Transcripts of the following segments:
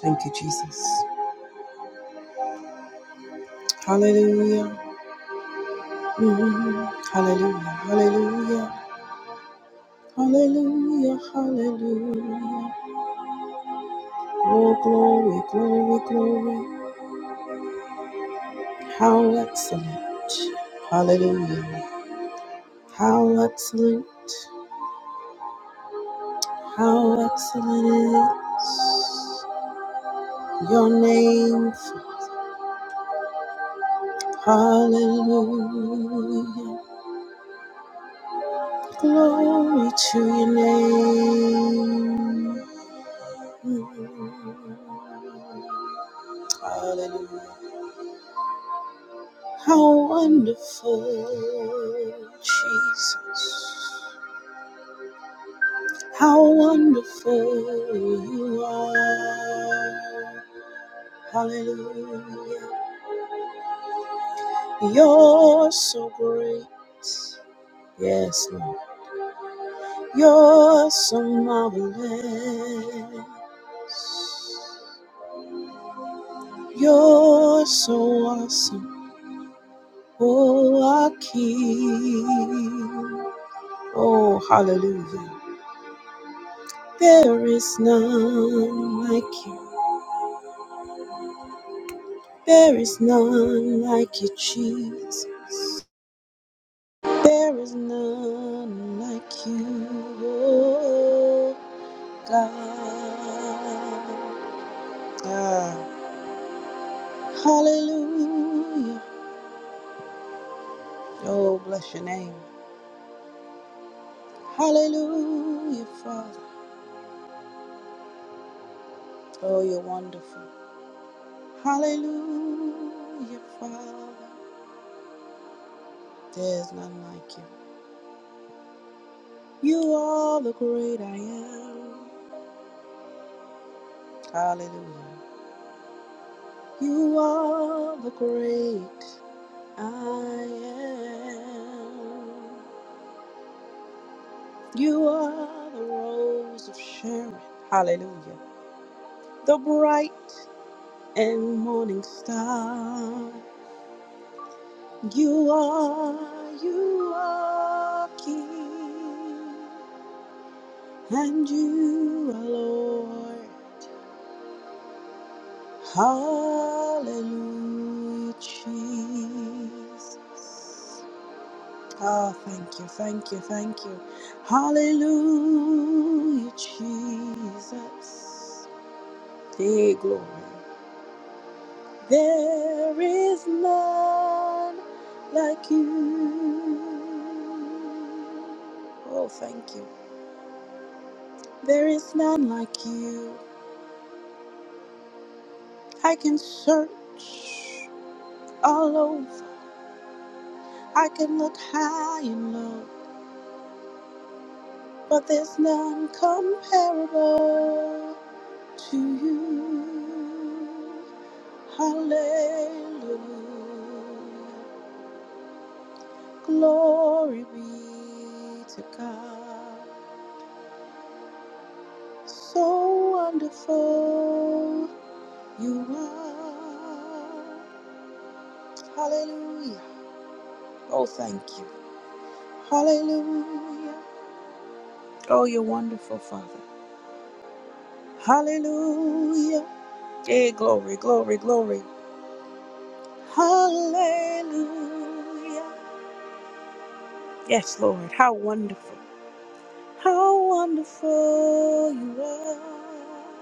Thank you, Jesus. Hallelujah. Mm, Hallelujah. Hallelujah. Hallelujah. Hallelujah. Oh, glory, glory, glory. How excellent. Hallelujah. How excellent. How excellent is your name. Hallelujah. Glory to your name. Mm-hmm. Hallelujah. How wonderful, Jesus. How wonderful you are. Hallelujah. You're so great. Yes, Lord. You're so marvelous. You're so awesome. Oh, our King. Oh, hallelujah. There is none like you. There is none like you, Jesus. There is none like you, oh God. Ah, hallelujah. Oh, bless your name. Hallelujah, Father. Oh, you're wonderful. Hallelujah, Father. There's none like you. You are the great I am. Hallelujah. You are the great I am. You are the rose of Sharon. Hallelujah. The bright and morning star. You are, you are King. And you are Lord. Hallelujah, Jesus. Oh, thank you, thank you, thank you. Hallelujah, Jesus. Hey, glory. There is none like you. Oh, thank you. There is none like you. I can search all over, I can look high and low, but there's none comparable to you. Hallelujah. Glory be to God. So wonderful you are. Hallelujah. Oh, thank you. Hallelujah. Oh, you're wonderful, Father. Hallelujah. Hey, glory, glory, glory. Hallelujah. Yes, Lord. How wonderful. How wonderful you are.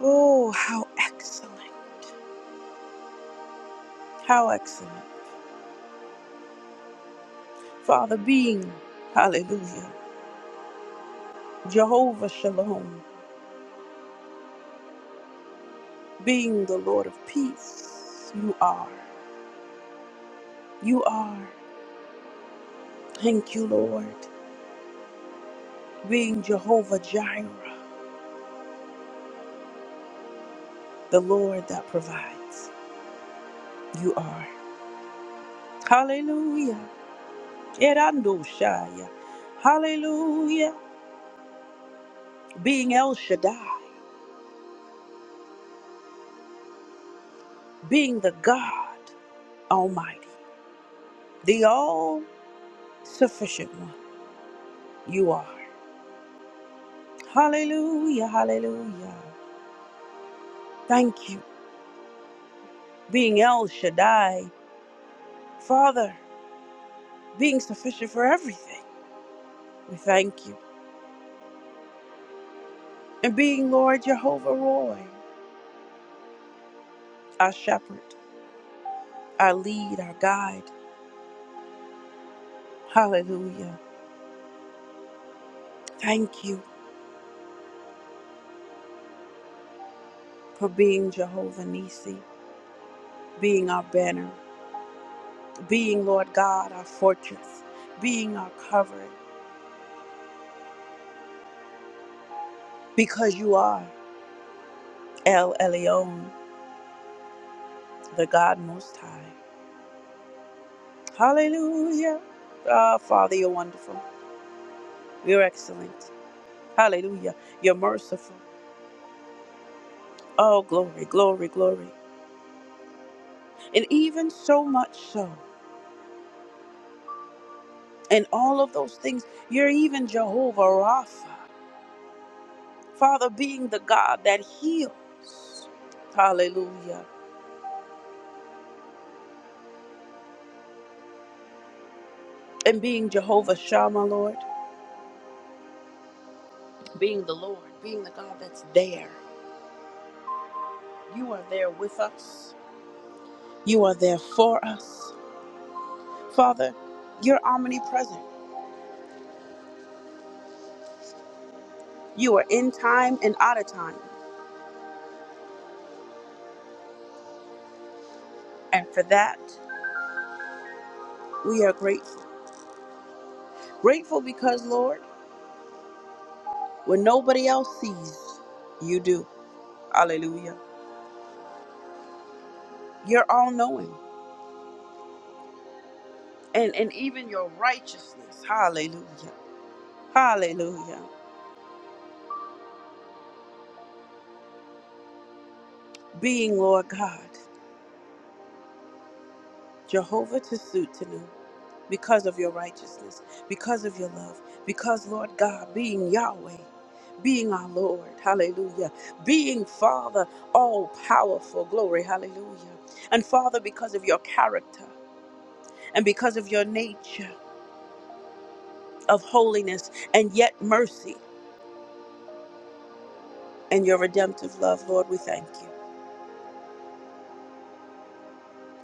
Oh, how excellent. How excellent. Father, being, hallelujah, Jehovah Shalom, being the Lord of peace, you are. You are. Thank you, Lord. Being Jehovah Jireh, the Lord that provides, you are. Hallelujah. Erando Shaya. Hallelujah. Being El Shaddai, being the God Almighty, the all sufficient one, you are. Hallelujah, hallelujah. Thank you. Being El Shaddai, Father, being sufficient for everything. We thank you. And being Lord Jehovah Roy, our shepherd, our lead, our guide. Hallelujah. Thank you for being Jehovah Nisi, being our banner, being Lord God, our fortress, being our covering, because you are El Elyon, the God Most High. Hallelujah. Ah, Father, you're wonderful. You're excellent. Hallelujah. You're merciful. Oh, glory, glory, glory. And even so much so, in all of those things, you're even Jehovah Rapha, Father, being the God that heals. Hallelujah. And being Jehovah Shammah, Lord, being the Lord, being the God that's there. You are there with us. You are there for us. Father, you're omnipresent. You are in time and out of time. And for that, we are grateful. Grateful because, Lord, when nobody else sees, you do. Hallelujah. You're all knowing. And and even your righteousness. Hallelujah. Hallelujah. Being Lord God, Jehovah Tisuutenu, because of your righteousness, because of your love, because Lord God, being Yahweh, being our Lord, hallelujah, being Father, all powerful, glory, hallelujah. And Father, because of your character and because of your nature. of holiness and yet mercy and your redemptive love, Lord, we thank you.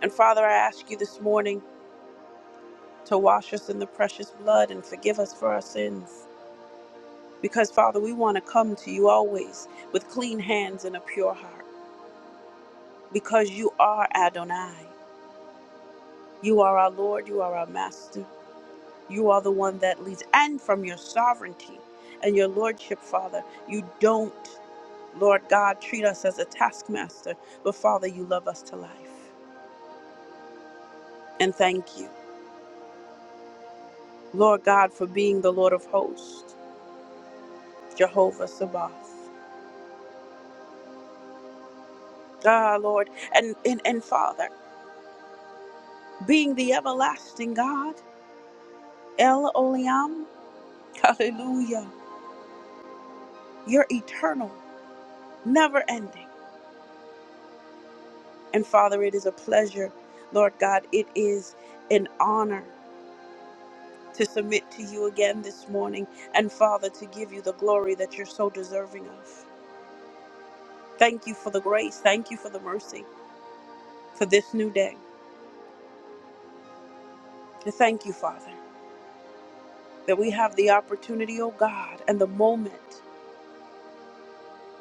And Father, I ask you this morning to wash us in the precious blood and forgive us for our sins. Because, Father, we want to come to you always with clean hands and a pure heart. Because you are Adonai. You are our Lord. You are our Master. You are the one that leads. And from your sovereignty and your Lordship, Father, you don't, Lord God, treat us as a taskmaster, but, Father, you love us to life. and thank you, Lord God, for being the Lord of hosts, Jehovah Sabaoth. Ah, Lord, and, and, and Father, being the everlasting God, El Olam, hallelujah, you're eternal, never ending. And Father, it is a pleasure, Lord God, it is an honor to submit to you again this morning, and Father, to give you the glory that you're so deserving of. Thank you for the grace, thank you for the mercy, for this new day. And thank you, Father. that we have the opportunity, oh God, and the moment,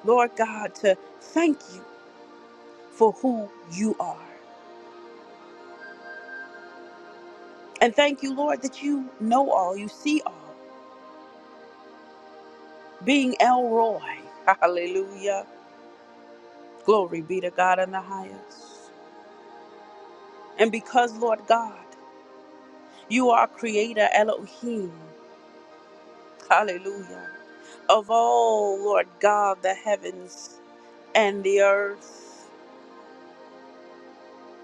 Lord God, to thank you for who you are. And thank you, Lord, that you know all, you see all. Being El Roy, hallelujah. Glory be to God in the highest. And because, Lord God, you are creator Elohim, hallelujah, of all, Lord God, the heavens and the earth.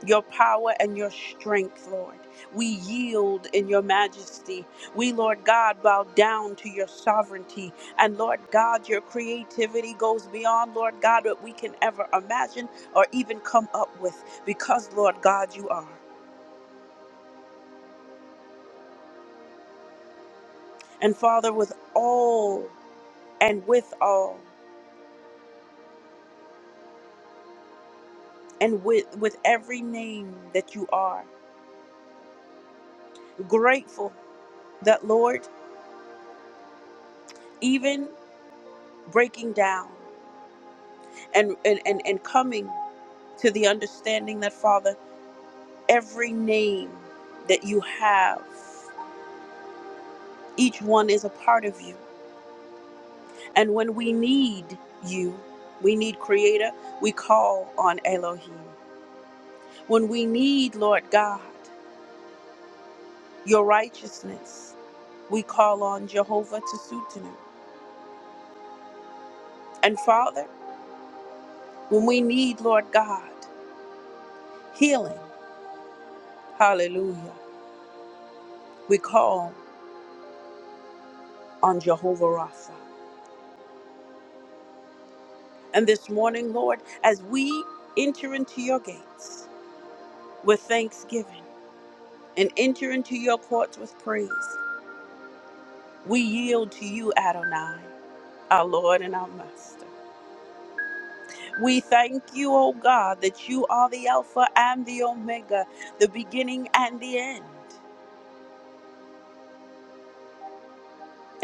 your power and your strength, Lord. We yield in your majesty. We, Lord God, bow down to your sovereignty. And Lord God, your creativity goes beyond, Lord God, what we can ever imagine or even come up with because, Lord God, you are. And Father, with all and with all and with, with every name that you are, grateful that, Lord, even breaking down. and and and, and coming to the understanding that father every name that you have each one is a part of you and when we need you we need creator we call on elohim when we need lord god your righteousness we call on jehovah to and father when we need lord god healing hallelujah we call on jehovah rapha And this morning, Lord, as we enter into your gates with thanksgiving and enter into your courts with praise, we yield to you, Adonai, our Lord and our Master. We thank you, O God, that you are the Alpha and the Omega, the beginning and the end.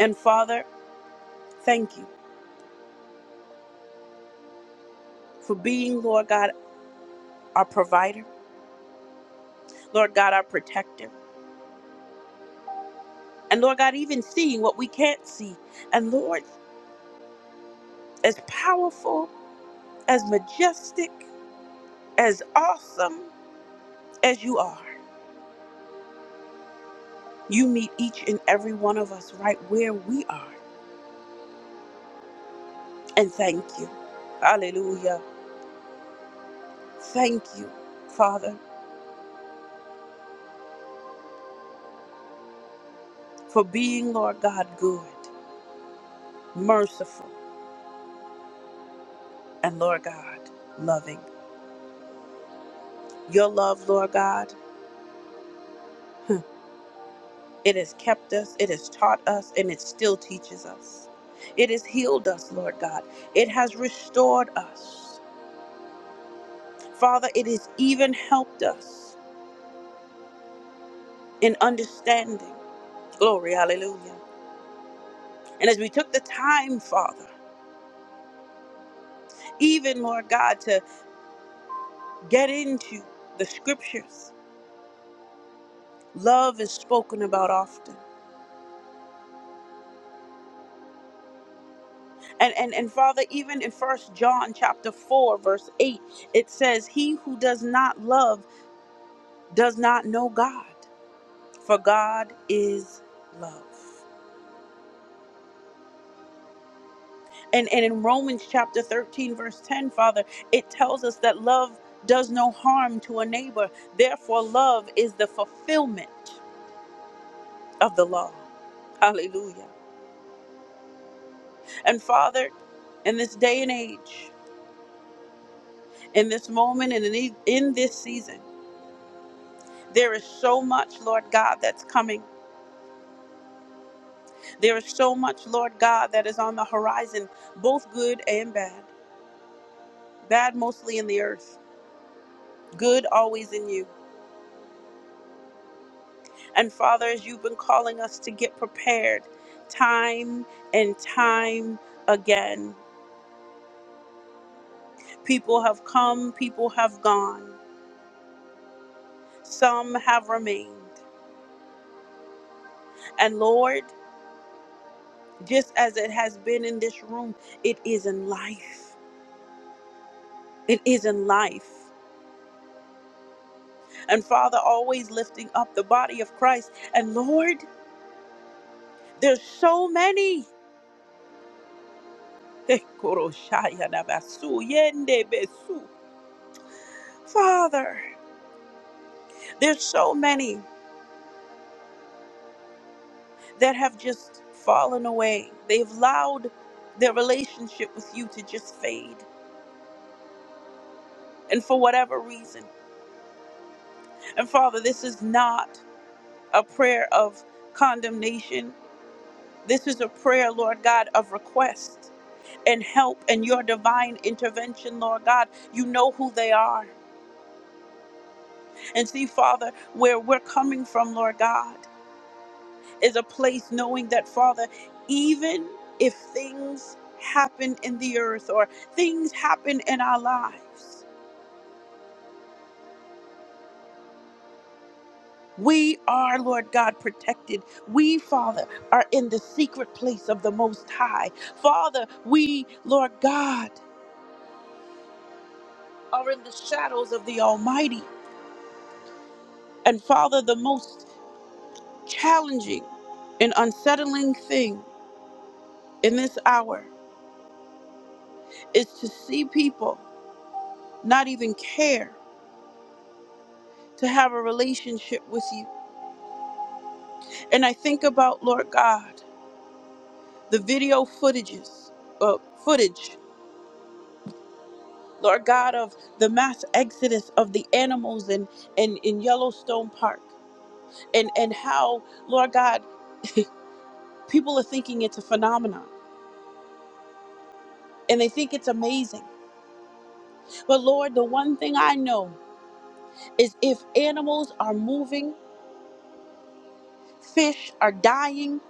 And Father, thank you for being, Lord God, our provider, Lord God, our protector, and Lord God, even seeing what we can't see. And Lord, as powerful, as majestic. as awesome as you are, you meet each and every one of us right where we are. And thank you. Hallelujah. Thank you, Father, for being, Lord God, good, merciful, and Lord God, loving. Your love, Lord God, huh, it has kept us, it has taught us, and it still teaches us. It has healed us, Lord God. It has restored us. Father, it has even helped us in understanding. Glory, hallelujah. And as we took the time, Father, even, Lord God, to get into the scriptures, love is spoken about often. And, and, and Father, even in First John chapter 4, verse 8, it says, He who does not love does not know God, for God is love. And, and in Romans chapter 13, verse 10, Father, it tells us that love does no harm to a neighbor. Therefore, love is the fulfillment of the law. Hallelujah. And Father, in this day and age, in this moment, and in, the- in this season, there is so much, Lord God, that's coming. There is so much, Lord God, that is on the horizon, both good and bad. Bad mostly in the earth, good always in you. And Father, as you've been calling us to get prepared time and time again, people have come, people have gone, some have remained. And Lord, just as it has been in this room, it is in life. It is in life. And Father, always lifting up the body of Christ. And Lord, there's so many. Father, there's so many that have just fallen away. They've allowed their relationship with you to just fade. And for whatever reason. And Father, this is not a prayer of condemnation This is a prayer, Lord God, of request and help and your divine intervention, Lord God. You know who they are. And see, Father, where we're coming from, Lord God, is a place knowing that, Father, even if things happen in the earth or things happen in our lives, we are, Lord God, protected. We, Father, are in the secret place of the Most High. Father, we, Lord God, are in the shadows of the Almighty. And Father, the most challenging and unsettling thing in this hour is to see people not even care to have a relationship with you. And I think about, Lord God, the video footages, uh, footage, Lord God, of the mass exodus of the animals in, in, in Yellowstone Park and, and how, Lord God, people are thinking it's a phenomenon and they think it's amazing. But Lord, the one thing I know is if animals are moving, fish are dying,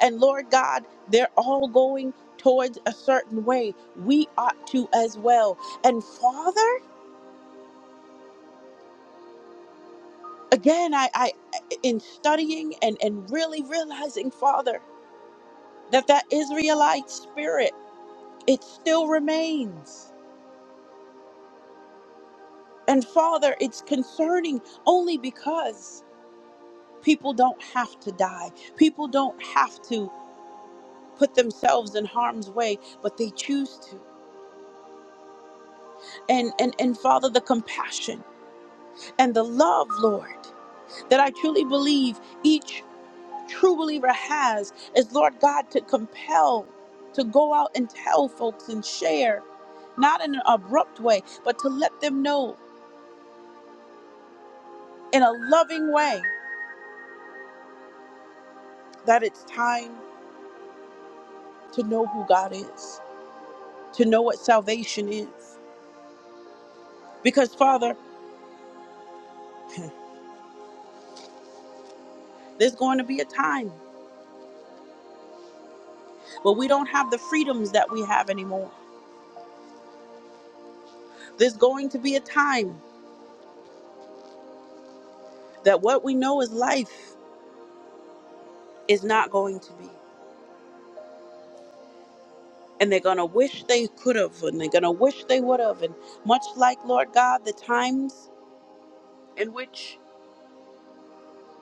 and Lord God, they're all going towards a certain way. We ought to as well. And Father, again, I, I in studying and, and really realizing, Father, that that Israelite spirit, it still remains. And Father, it's concerning only because people don't have to die. People don't have to put themselves in harm's way, but they choose to. and and and father the compassion and the love lord that i truly believe each true believer has is lord god to compel to go out and tell folks and share not in an abrupt way but to let them know in a loving way that it's time to know who god is to know what salvation is because father there's going to be a time but we don't have the freedoms that we have anymore there's going to be a time that what we know is life Is not going to be. And they're going to wish they could have, and they're going to wish they would have. And much like, Lord God, the times in which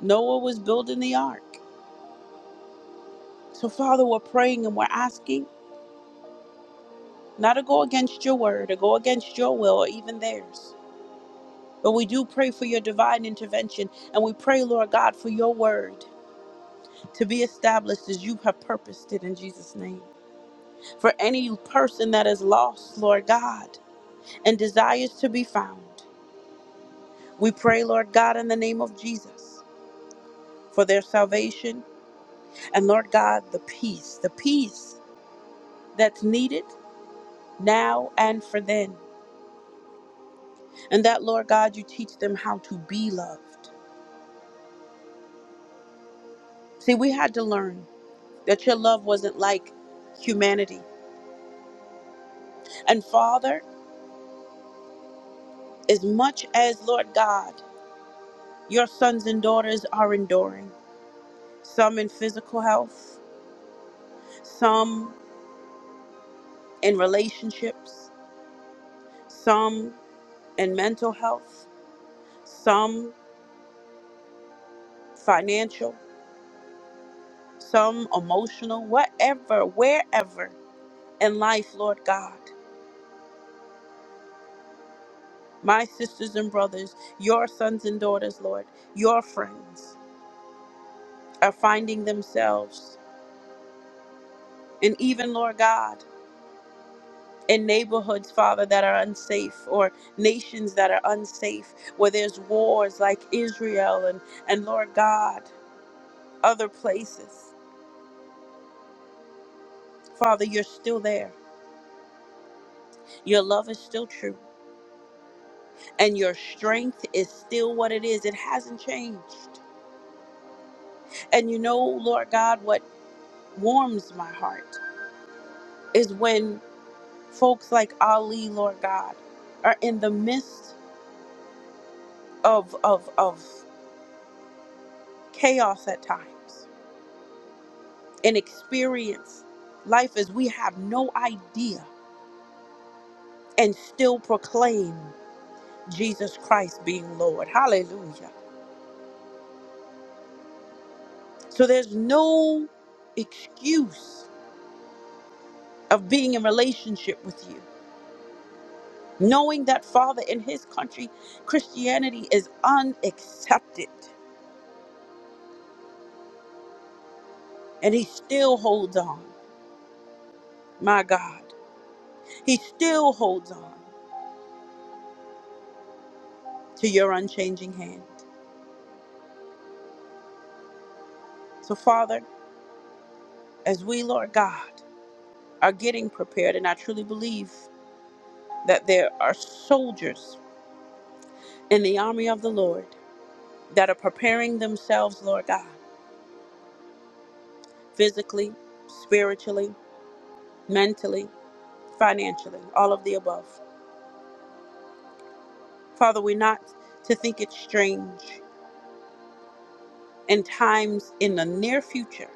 Noah was building the ark. So, Father, we're praying and we're asking not to go against your word or go against your will or even theirs. But we do pray for your divine intervention. And we pray, Lord God, for your word to be established as you have purposed it in Jesus' name. For any person that is lost, Lord God, and desires to be found. We pray, Lord God, in the name of Jesus for their salvation and, Lord God, the peace, the peace that's needed now and for then. And that, Lord God, you teach them how to be loved. See, we had to learn that your love wasn't like humanity. And Father, as much as, Lord God, your sons and daughters are enduring, some in physical health, some in relationships, some in mental health, some financial, some emotional, whatever, wherever in life, Lord God. My sisters and brothers, your sons and daughters, Lord, your friends are finding themselves, and even, Lord God, in neighborhoods, Father, that are unsafe, or nations that are unsafe, where there's wars like Israel and, and Lord God, other places. Father, you're still there. Your love is still true. and your strength is still what it is. It hasn't changed. And you know, Lord God, what warms my heart is when folks like Ali, Lord God, are in the midst of of of chaos at times and experience life as we have no idea and still proclaim Jesus Christ being Lord. Hallelujah. So there's no excuse of being in relationship with you. knowing that father in his country christianity is unaccepted and he still holds on my god he still holds on to your unchanging hand so father as we lord god are getting prepared and i truly believe that there are soldiers in the army of the lord that are preparing themselves lord god physically spiritually mentally financially all of the above father we're not to think it strange and times in the near future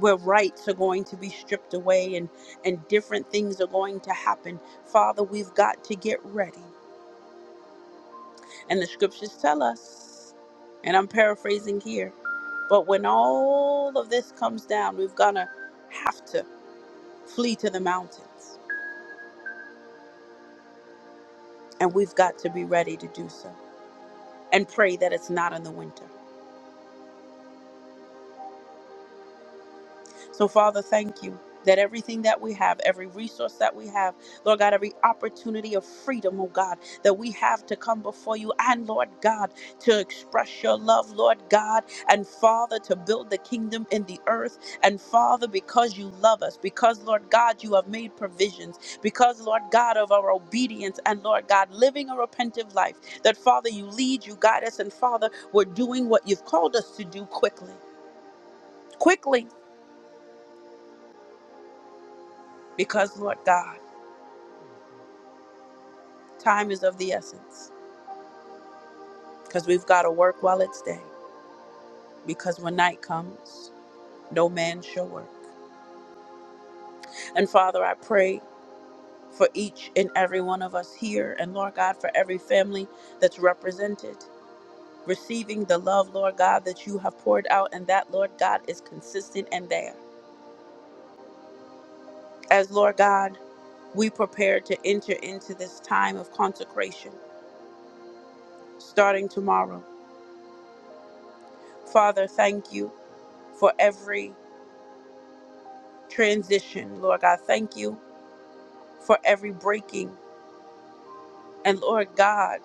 where rights are going to be stripped away and and different things are going to happen father we've got to get ready and the scriptures tell us and i'm paraphrasing here but when all of this comes down we've gonna have to flee to the mountains and we've got to be ready to do so and pray that it's not in the winter So, Father, thank you that everything that we have, every resource that we have, Lord God, every opportunity of freedom, oh God, that we have to come before you and, Lord God, to express your love, Lord God, and Father, to build the kingdom in the earth. And Father, because you love us, because, Lord God, you have made provisions, because, Lord God, of our obedience and, Lord God, living a repentant life, that, Father, you lead, you guide us, and, Father, we're doing what you've called us to do quickly. Quickly, because, Lord God, Time is of the essence because we've got to work while it's day because when night comes, no man shall work. And Father, I pray for each and every one of us here and Lord God, for every family that's represented. Receiving the love, Lord God, that you have poured out, and that, Lord God, is consistent and there. As Lord God, we prepare to enter into this time of consecration starting tomorrow. Father, thank you for every transition, Lord God. Thank you for every breaking. And Lord God,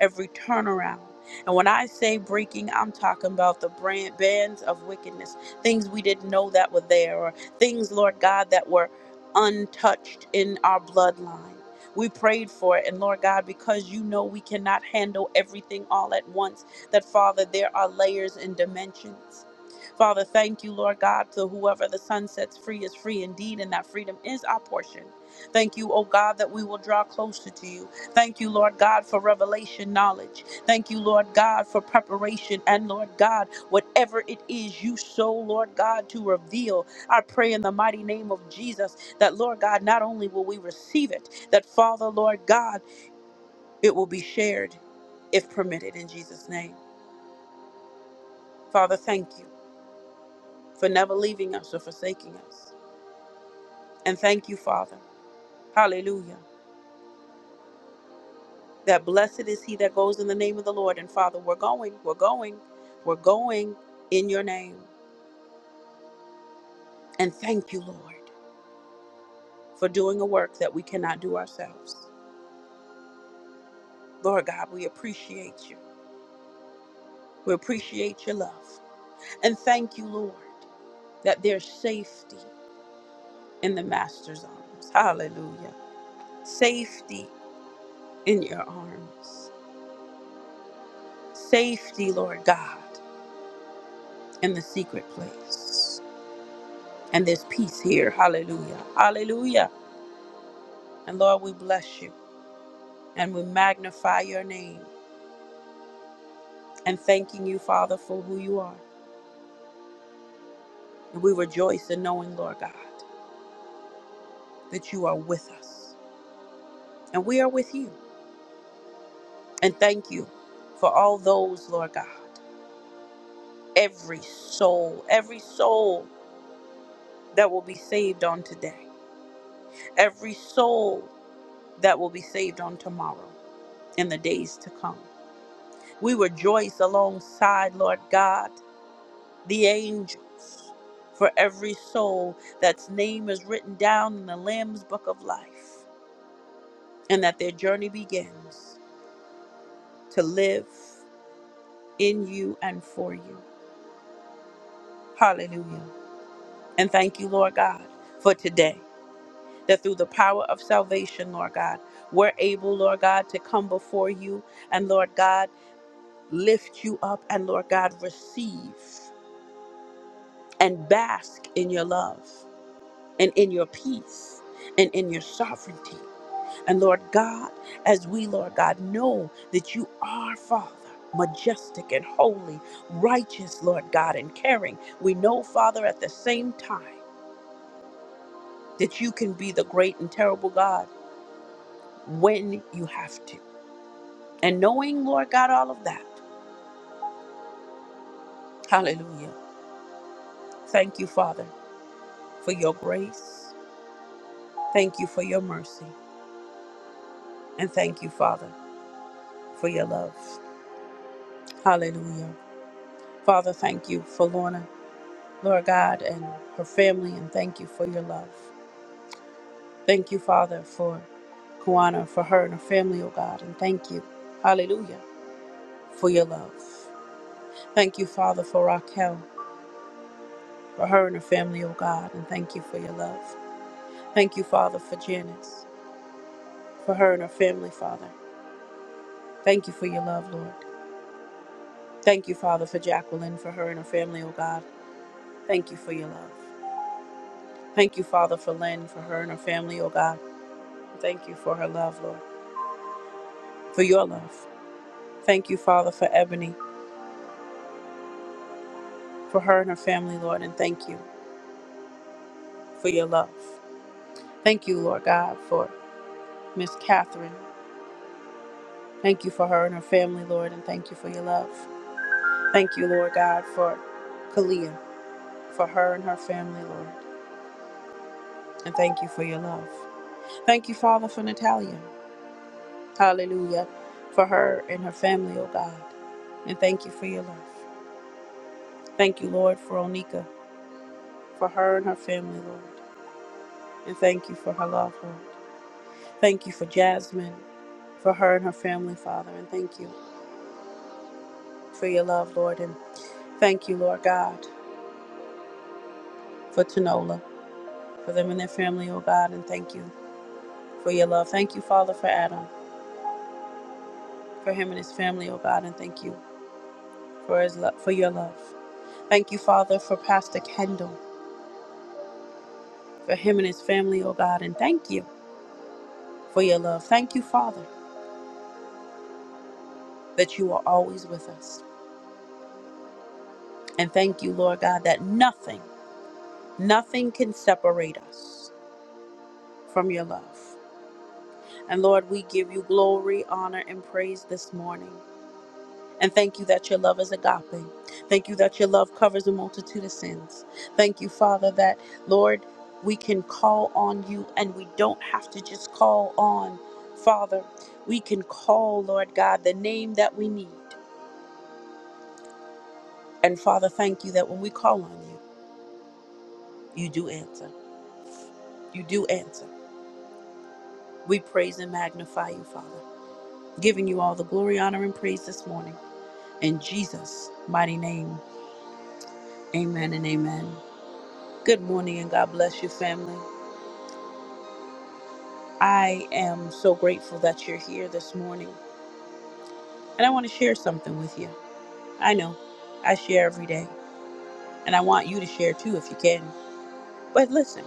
every turnaround. And when I say breaking, I'm talking about the brand, bands of wickedness, things we didn't know that were there, or things, Lord God, that were untouched in our bloodline. We prayed for it, and Lord God, because you know we cannot handle everything all at once, that Father, there are layers and dimensions. Father, thank you, Lord God, to whoever the sun sets free is free indeed, and that freedom is our portion. Thank you, O God, that we will draw closer to you. Thank you, Lord God, for revelation knowledge. Thank you, Lord God, for preparation. And Lord God, whatever it is you so, Lord God, to reveal, I pray in the mighty name of Jesus that, Lord God, not only will we receive it, that, Father, Lord God, it will be shared if permitted in Jesus' name. Father, thank you for never leaving us or forsaking us. And thank you, Father. Hallelujah. That blessed is he that goes in the name of the Lord. And Father, we're going, we're going, we're going in your name. And thank you, Lord, for doing a work that we cannot do ourselves. Lord God, we appreciate you. We appreciate your love. And thank you, Lord, that there's safety in the Master's arms. Hallelujah. Safety in your arms. Safety, Lord God, in the secret place. And there's peace here. Hallelujah. Hallelujah. And Lord, we bless you and we magnify your name and thanking you, Father, for who you are. And we rejoice in knowing, Lord God, that you are with us and we are with you. And thank you for all those, Lord God, every soul, every soul that will be saved on today, every soul that will be saved on tomorrow and the days to come. We rejoice alongside, Lord God, the angels for every soul that's name is written down in the Lamb's book of life and that their journey begins to live in you and for you. Hallelujah. And thank you, Lord God, for today, that through the power of salvation, Lord God, we're able, Lord God, to come before you and, Lord God, lift you up and, Lord God, receive and bask in your love and in your peace and in your sovereignty. And Lord God, as we, Lord God, know that you are Father, majestic and holy, righteous, Lord God, and caring, we know, Father, at the same time that you can be the great and terrible God when you have to. And knowing, Lord God, all of that, hallelujah. Thank you, Father, for your grace. Thank you for your mercy. And thank you, Father, for your love. Hallelujah. Father, thank you for Lorna. Lord God, and her family, and thank you for your love. Thank you, Father, for Kwana, for her and her family, oh God, and thank you, hallelujah, for your love. Thank you, Father, for Raquel, for her and her family, oh God, and thank you for your love. Thank you, Father, for Janice, for her and her family, Father. Thank you for your love, Lord. Thank you, Father, for Jacqueline, for her and her family, oh God. Thank you for your love. Thank you, Father, for Lynn, for her and her family, oh God. Thank you for her love, Lord, for your love. Thank you, Father, for Ebony, for her and her family, Lord, and thank you for your love. Thank you, Lord God, for Miss Catherine. Thank you for her and her family, Lord, and thank you for your love. Thank you, Lord God, for Kalia, for her and her family, Lord, and thank you for your love. Thank you, Father, for Natalia. Hallelujah, for her and her family, oh God, and thank you for your love. Thank you, Lord, for Onika, for her and her family, Lord, and thank you for her love, Lord. Thank you for Jasmine. for her and her family, Father. And thank you for your love, Lord. And thank you, Lord God, for Tanola, for them and their family, oh God. And thank you for your love. Thank you, Father, for Adam, for him and his family, oh God. And thank you for his love, for your love. Thank you, Father, for Pastor Kendall, for him and his family, oh God. And thank you for your love. Thank you, Father, that you are always with us. And thank you, Lord God, that nothing, nothing can separate us from your love. And Lord, we give you glory, honor, and praise this morning. And thank you that your love is agape. Thank you that your love covers a multitude of sins. Thank you, Father, that, Lord, we can call on you and we don't have to just call on, Father. We can call, Lord God, the name that we need. And Father, thank you that when we call on you, you do answer. You do answer. We praise and magnify you, Father, giving you all the glory, honor, and praise this morning. In Jesus' mighty name. Amen and amen. Good morning and God bless you, family. I am so grateful that you're here this morning. And I want to share something with you. I know I share every day, and I want you to share too if you can. But listen,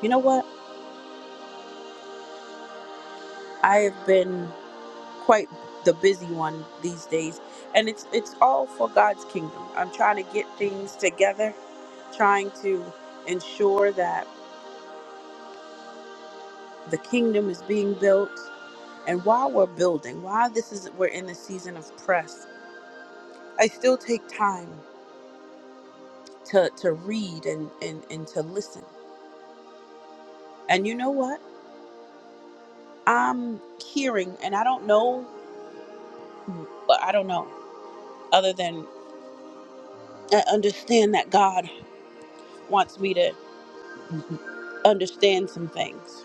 you know what? I have been quite the busy one these days, and it's it's all for God's kingdom. I'm trying to get things together, trying to ensure that the kingdom is being built. And while we're building, while this is we're in the season of press, I still take time to to read and and and to listen. And you know what? I'm hearing, and I don't know, but I don't know other than I understand that God wants me to understand some things,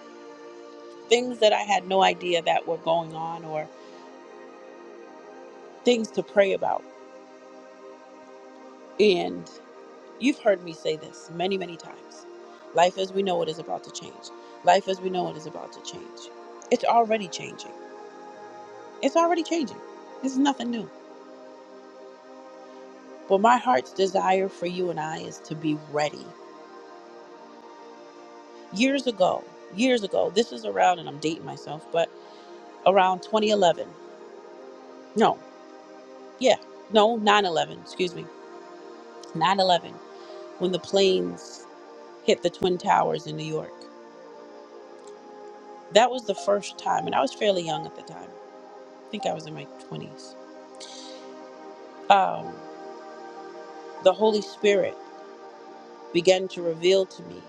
things that I had no idea that were going on, or things to pray about. And you've heard me say this many, many times. Life as we know it is about to change. Life as we know it is about to change. It's already changing. It's already changing. It's nothing new. But my heart's desire for you and I is to be ready. Years ago, years ago, this is around, and I'm dating myself, but around 2011. No, yeah, no, 9 11, excuse me, 9 11, when the planes hit the Twin Towers in New York. That was the first time, and I was fairly young at the time. I think I was in my 20s. Um, the Holy Spirit began to reveal to me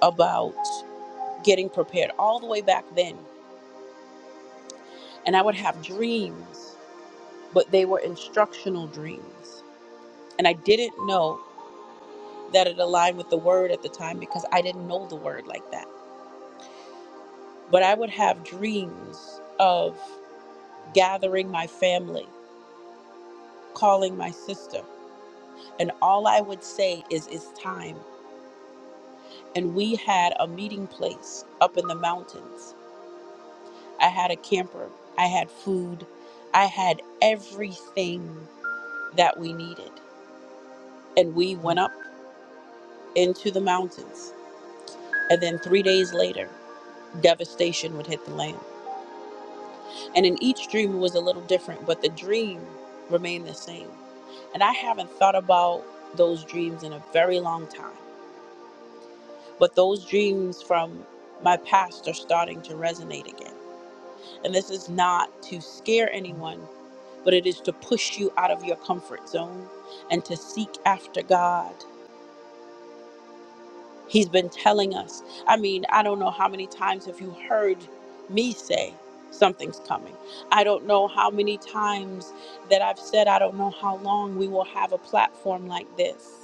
about getting prepared all the way back then. And I would have dreams but they were instructional dreams. And I didn't know that it aligned with the word at the time because I didn't know the word like that. But I would have dreams of gathering my family, calling my sister, and all I would say is, It's time. And we had a meeting place up in the mountains. I had a camper, I had food, I had everything that we needed. And we went up into the mountains. And then three days later, devastation would hit the land. And in each dream, it was a little different, but the dream remained the same. And I haven't thought about those dreams in a very long time, but those dreams from my past are starting to resonate again. And this is not to scare anyone, but it is to push you out of your comfort zone and to seek after God He's been telling us. I mean, I don't know how many times have you heard me say something's coming. I don't know how many times that I've said I don't know how long we will have a platform like this.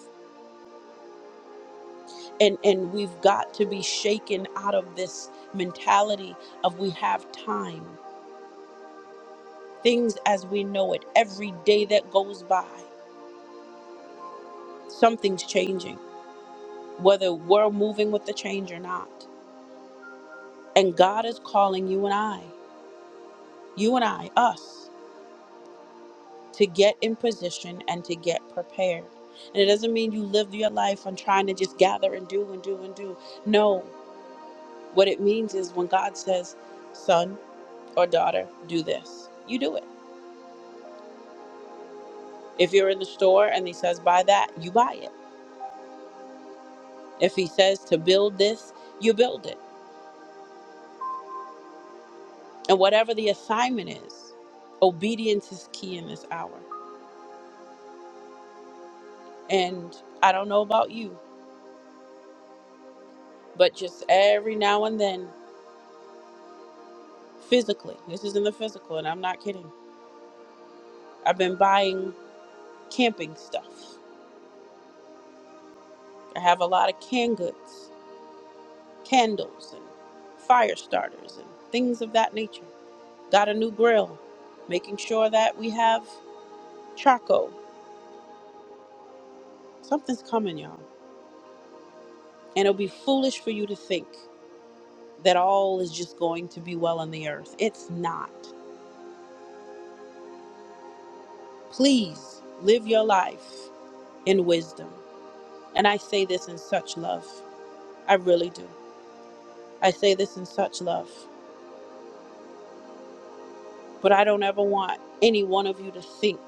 And and we've got to be shaken out of this mentality of we have time. Things as we know it, every day that goes by, something's changing, whether we're moving with the change or not. And God is calling you and I, you and I, us to get in position and to get prepared. And it doesn't mean you live your life on trying to just gather and do and do and do. No, what it means is when God says, son or daughter, do this, you do it. If you're in the store and he says, buy that, you buy it. If he says to build this, you build it. And whatever the assignment is, obedience is key in this hour. And I don't know about you, but just every now and then, physically, this is in the physical, and I'm not kidding I've been buying camping stuff. I have a lot of canned goods, candles, and fire starters, and things of that nature. Got a new grill, making sure that we have charcoal. Something's coming, y'all. And it'll be foolish for you to think that all is just going to be well on the earth. It's not. Please live your life in wisdom. And I say this in such love. I really do. I say this in such love. But I don't ever want any one of you to think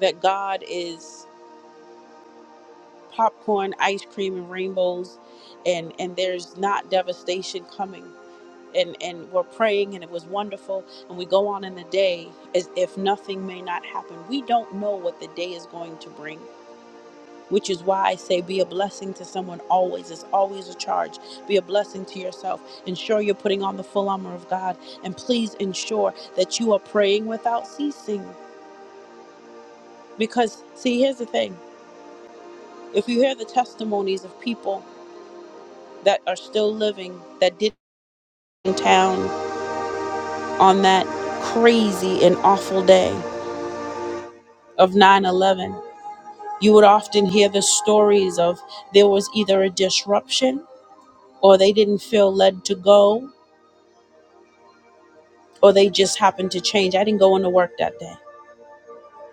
that God is popcorn, ice cream, and rainbows, and and there's not devastation coming. And and we're praying, and it was wonderful, and we go on in the day as if nothing may not happen. We don't know what the day is going to bring. Which is why I say be a blessing to someone always. It's always a charge. Be a blessing to yourself. Ensure you're putting on the full armor of God. And please ensure that you are praying without ceasing Because, see, here's the thing if you hear the testimonies of people that are still living that did in town on that crazy and awful day of 9 11, you would often hear the stories of there was either a disruption or they didn't feel led to go or they just happened to change. I didn't go into work that day.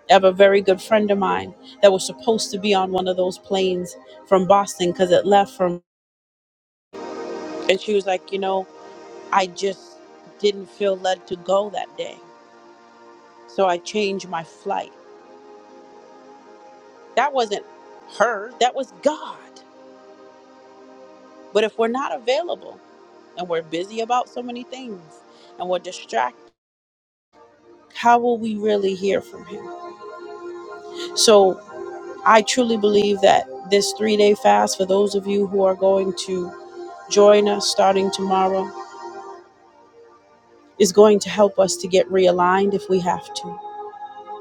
I have a very good friend of mine that was supposed to be on one of those planes from Boston because it left from, and she was like, you know. I just didn't feel led to go that day. So I changed my flight. That wasn't her, that was God. But if we're not available and we're busy about so many things and we're distracted, how will we really hear from Him? So I truly believe that this three day fast, for those of you who are going to join us starting tomorrow, is going to help us to get realigned if we have to,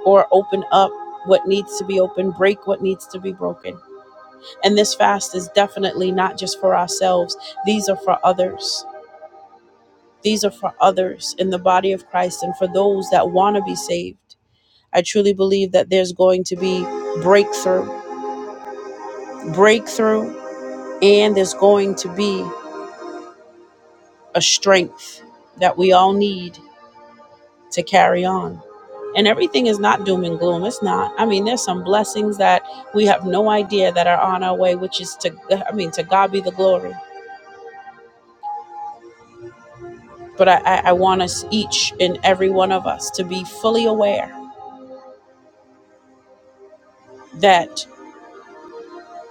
or open up what needs to be open, break what needs to be broken And this fast is definitely not just for ourselves, these are for others. These are for others in the body of Christ and for those that want to be saved. I truly believe that there's going to be breakthrough, breakthrough, and there's going to be a strength that we all need to carry on. And everything is not doom and gloom. It's not. I mean, there's some blessings that we have no idea that are on our way, which is to, I mean, to God be the glory. But I, I, I want us each and every one of us to be fully aware that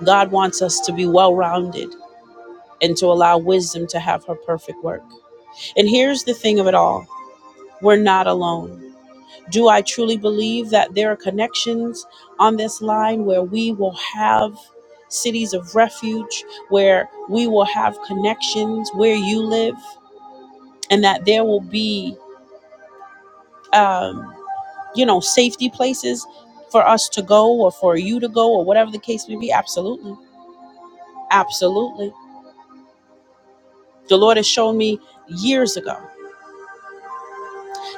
God wants us to be well rounded and to allow wisdom to have her perfect work. And here's the thing of it all we're not alone. Do I truly believe that there are connections on this line where we will have cities of refuge, where we will have connections where you live, and that there will be. Um, you know, safety places for us to go or for you to go or whatever the case may be. Absolutely. Absolutely. The Lord has shown me years ago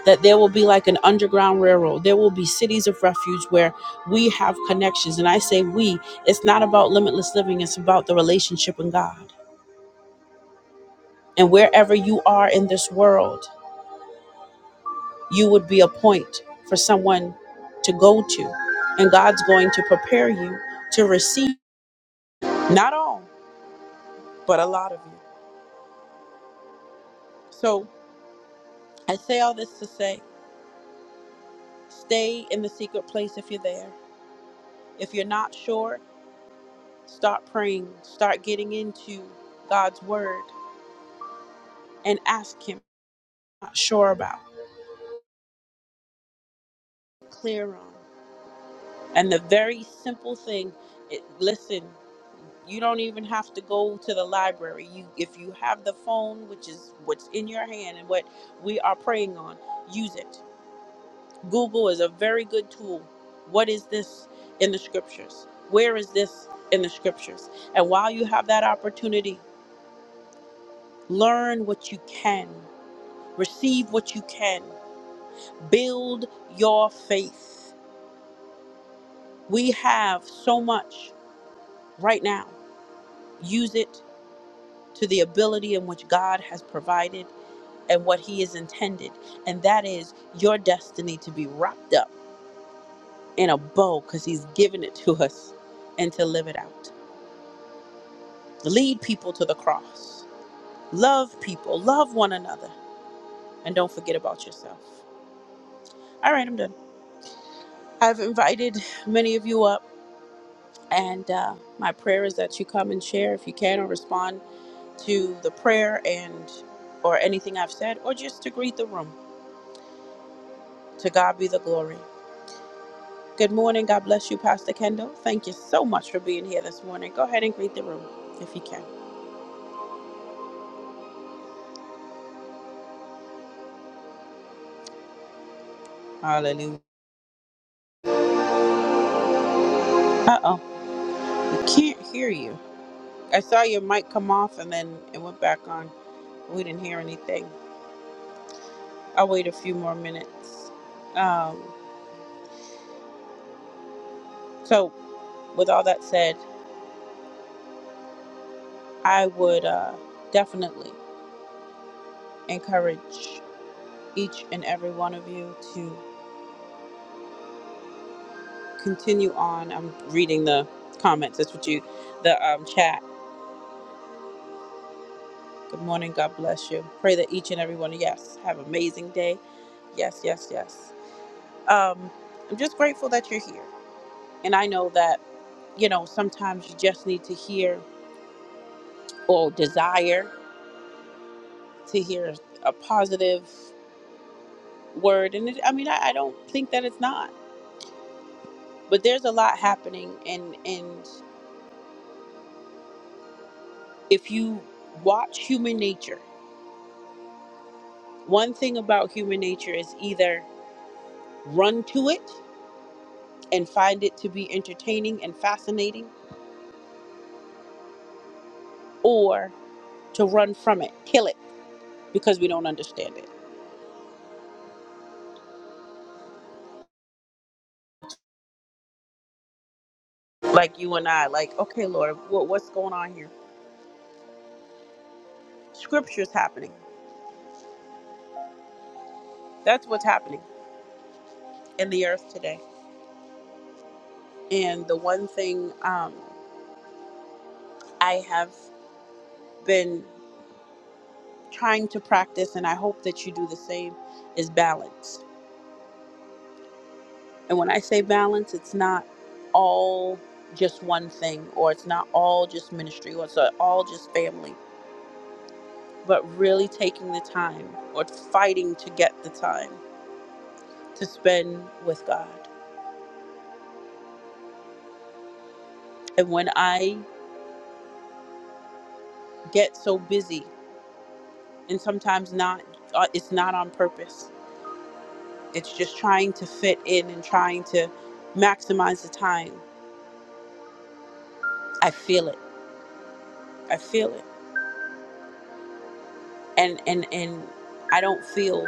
that there will be like an underground railroad. There will be cities of refuge where we have connections. And I say we, it's not about limitless living, it's about the relationship in God. And wherever you are in this world, you would be a point for someone to go to. And God's going to prepare you to receive not all, but a lot of you. So I say all this to say stay in the secret place if you're there. If you're not sure, start praying, start getting into God's word and ask Him, not sure about, clear on. And the very simple thing, it, listen, you don't even have to go to the library. You, if you have the phone, which is what's in your hand and what we are praying on, use it Google is a very good tool. What is this in the scriptures? Where is this in the scriptures? And while you have that opportunity, learn what you can, receive what you can, build your faith. We have so much right now. Use it to the ability in which God has provided and what He is intended. And that is your destiny to be wrapped up in a bow because He's given it to us and to live it out. Lead people to the cross. Love people. Love one another. And don't forget about yourself. All right, I'm done. I've invited many of you up, and uh, my prayer is that you come and share if you can, or respond to the prayer and or anything I've said, or just to greet the room. To God be the glory. Good morning. God bless you, Pastor Kendall. Thank you so much for being here this morning. Go ahead and greet the room if you can. Hallelujah. Uh oh, we can't hear you. I saw your mic come off and then it went back on. We didn't hear anything. I'll wait a few more minutes. Um, so, with all that said, I would uh, definitely encourage each and every one of you to continue on. I'm reading the comments. That's what you, the um, chat. Good morning. God bless you. Pray that each and every one of yes have an amazing day. Yes, yes, yes. Um, I'm just grateful that you're here, and I know that you know sometimes you just need to hear or desire. to hear a positive word and it, i mean I, I don't think that it's not but there's a lot happening and and if you watch human nature one thing about human nature is either run to it and find it to be entertaining and fascinating or to run from it kill it because we don't understand it like you and i like okay lord what, what's going on here scripture's happening that's what's happening in the earth today and the one thing um, I have been trying to practice, and I hope that you do the same, is balance. And when I say balance, it's not all just one thing, or it's not all just ministry, or it's not all just family, but really taking the time or fighting to get the time to spend with God. And when I get so busy, and sometimes not, uh, it's not on purpose. It's just trying to fit in and trying to maximize the time. I feel it. I feel it and and and I don't feel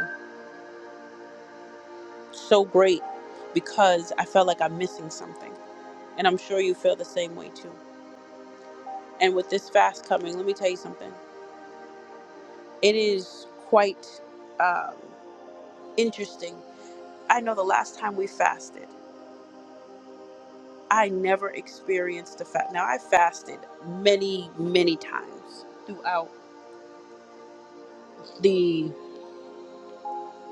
so great because I felt like I'm missing something. And I'm sure you feel the same way too. And with this fast coming, let me tell you something. It is quite um, interesting. I know the last time we fasted, I never experienced a fast. Now I fasted many, many times throughout the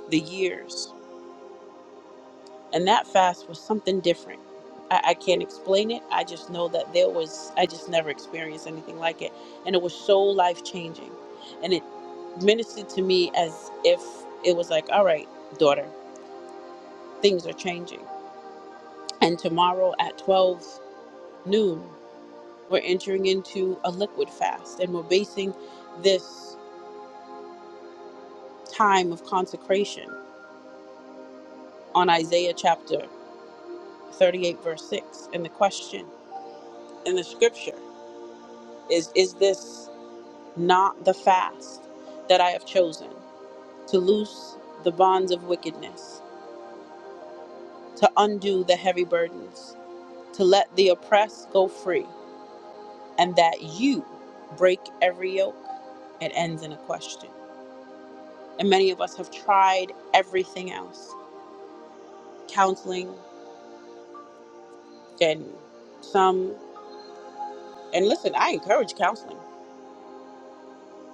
the years And that fast was something different. I, I can't explain it. I just know that there was, I just never experienced anything like it. And it was so life changing. And it ministered to me as if it was like, all right, daughter, things are changing. And tomorrow at 12 noon, we're entering into a liquid fast and we're basing this time of consecration on Isaiah chapter 38, verse 6. And the question in the scripture is Is this not the fast that I have chosen, to loose the bonds of wickedness, to undo the heavy burdens, to let the oppressed go free, and that you break every yoke. It ends in a question. And many of us have tried everything else counseling, and some, and listen, I encourage counseling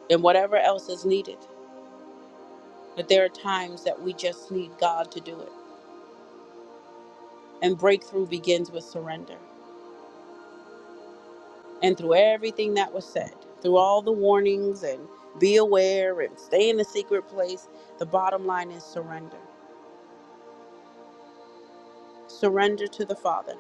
and whatever else is needed. But there are times that we just need God to do it. And breakthrough begins with surrender. and through everything that was said, through all the warnings and be aware and stay in the secret place, the bottom line is surrender. Surrender to the Father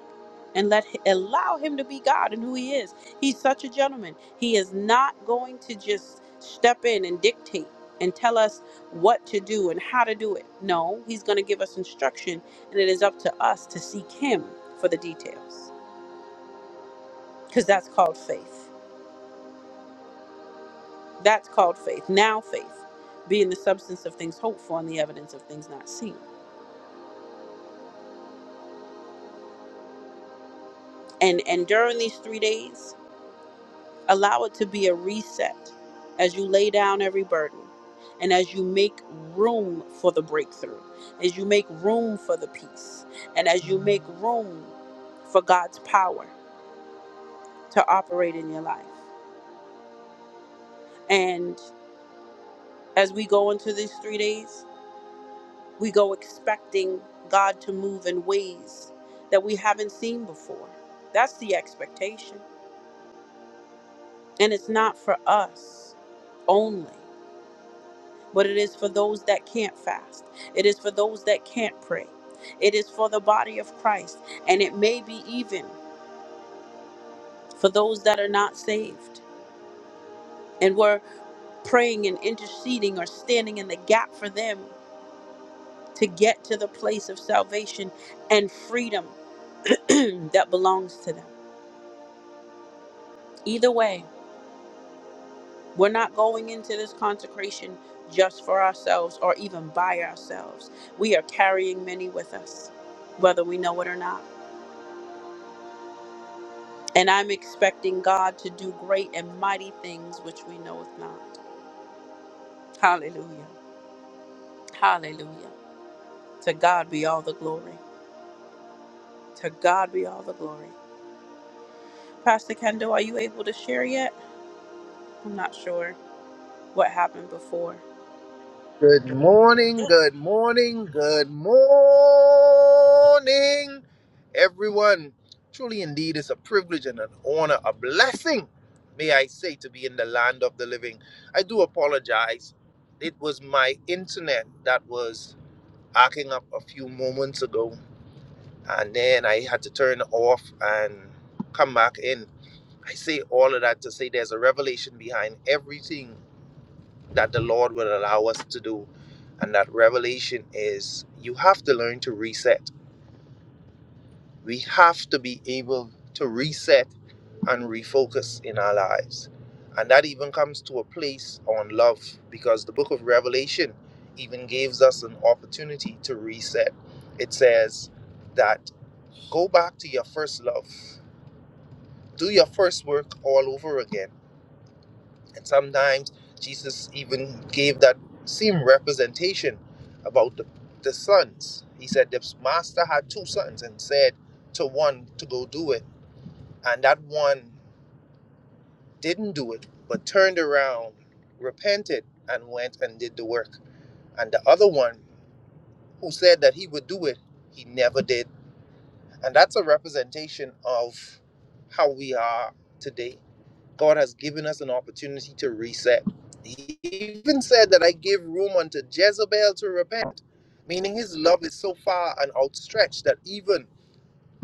and let allow him to be God and who he is. He's such a gentleman. He is not going to just step in and dictate and tell us what to do and how to do it. No, he's going to give us instruction and it is up to us to seek him for the details because that's called faith. That's called faith. Now faith, being the substance of things hoped for and the evidence of things not seen. And and during these three days, allow it to be a reset as you lay down every burden and as you make room for the breakthrough, as you make room for the peace, and as you make room for God's power to operate in your life. And as we go into these three days, We go expecting God to move in ways that we haven't seen before. That's the expectation. And it's not for us only, but it is for those that can't fast. It is for those that can't pray. It is for the body of Christ. And it may be even for those that are not saved. And we're praying and interceding or standing in the gap for them to get to the place of salvation and freedom that belongs to them. Either way, We're not going into this consecration just for ourselves or even by ourselves. We are carrying many with us, whether we know it or not. And I'm expecting God to do great and mighty things which we knoweth not. Hallelujah. Hallelujah. To God be all the glory. To God be all the glory. Pastor Kendall, are you able to share yet? I'm not sure what happened before. Good morning, good morning, good morning, everyone. Truly, indeed, it's a privilege and an honor, a blessing, may I say, to be in the land of the living. I do apologize. It was my internet that was acting up a few moments ago, and then I had to turn off and come back in. I say all of that to say there's a revelation behind everything that the Lord will allow us to do. And that revelation is you have to learn to reset. We have to be able to reset and refocus in our lives. And that even comes to a place on love because the book of Revelation even gives us an opportunity to reset. It says that go back to your first love, do your first work all over again And sometimes Jesus even gave that same representation about the, the sons. He said the master had two sons and said to one to go do it. And that one didn't do it, but turned around, repented, and went and did the work. And the other one who said that he would do it, he never did. And that's a representation of how we are today God has given us an opportunity to reset. He even said that I give room unto Jezebel to repent, meaning his love is so far and outstretched that even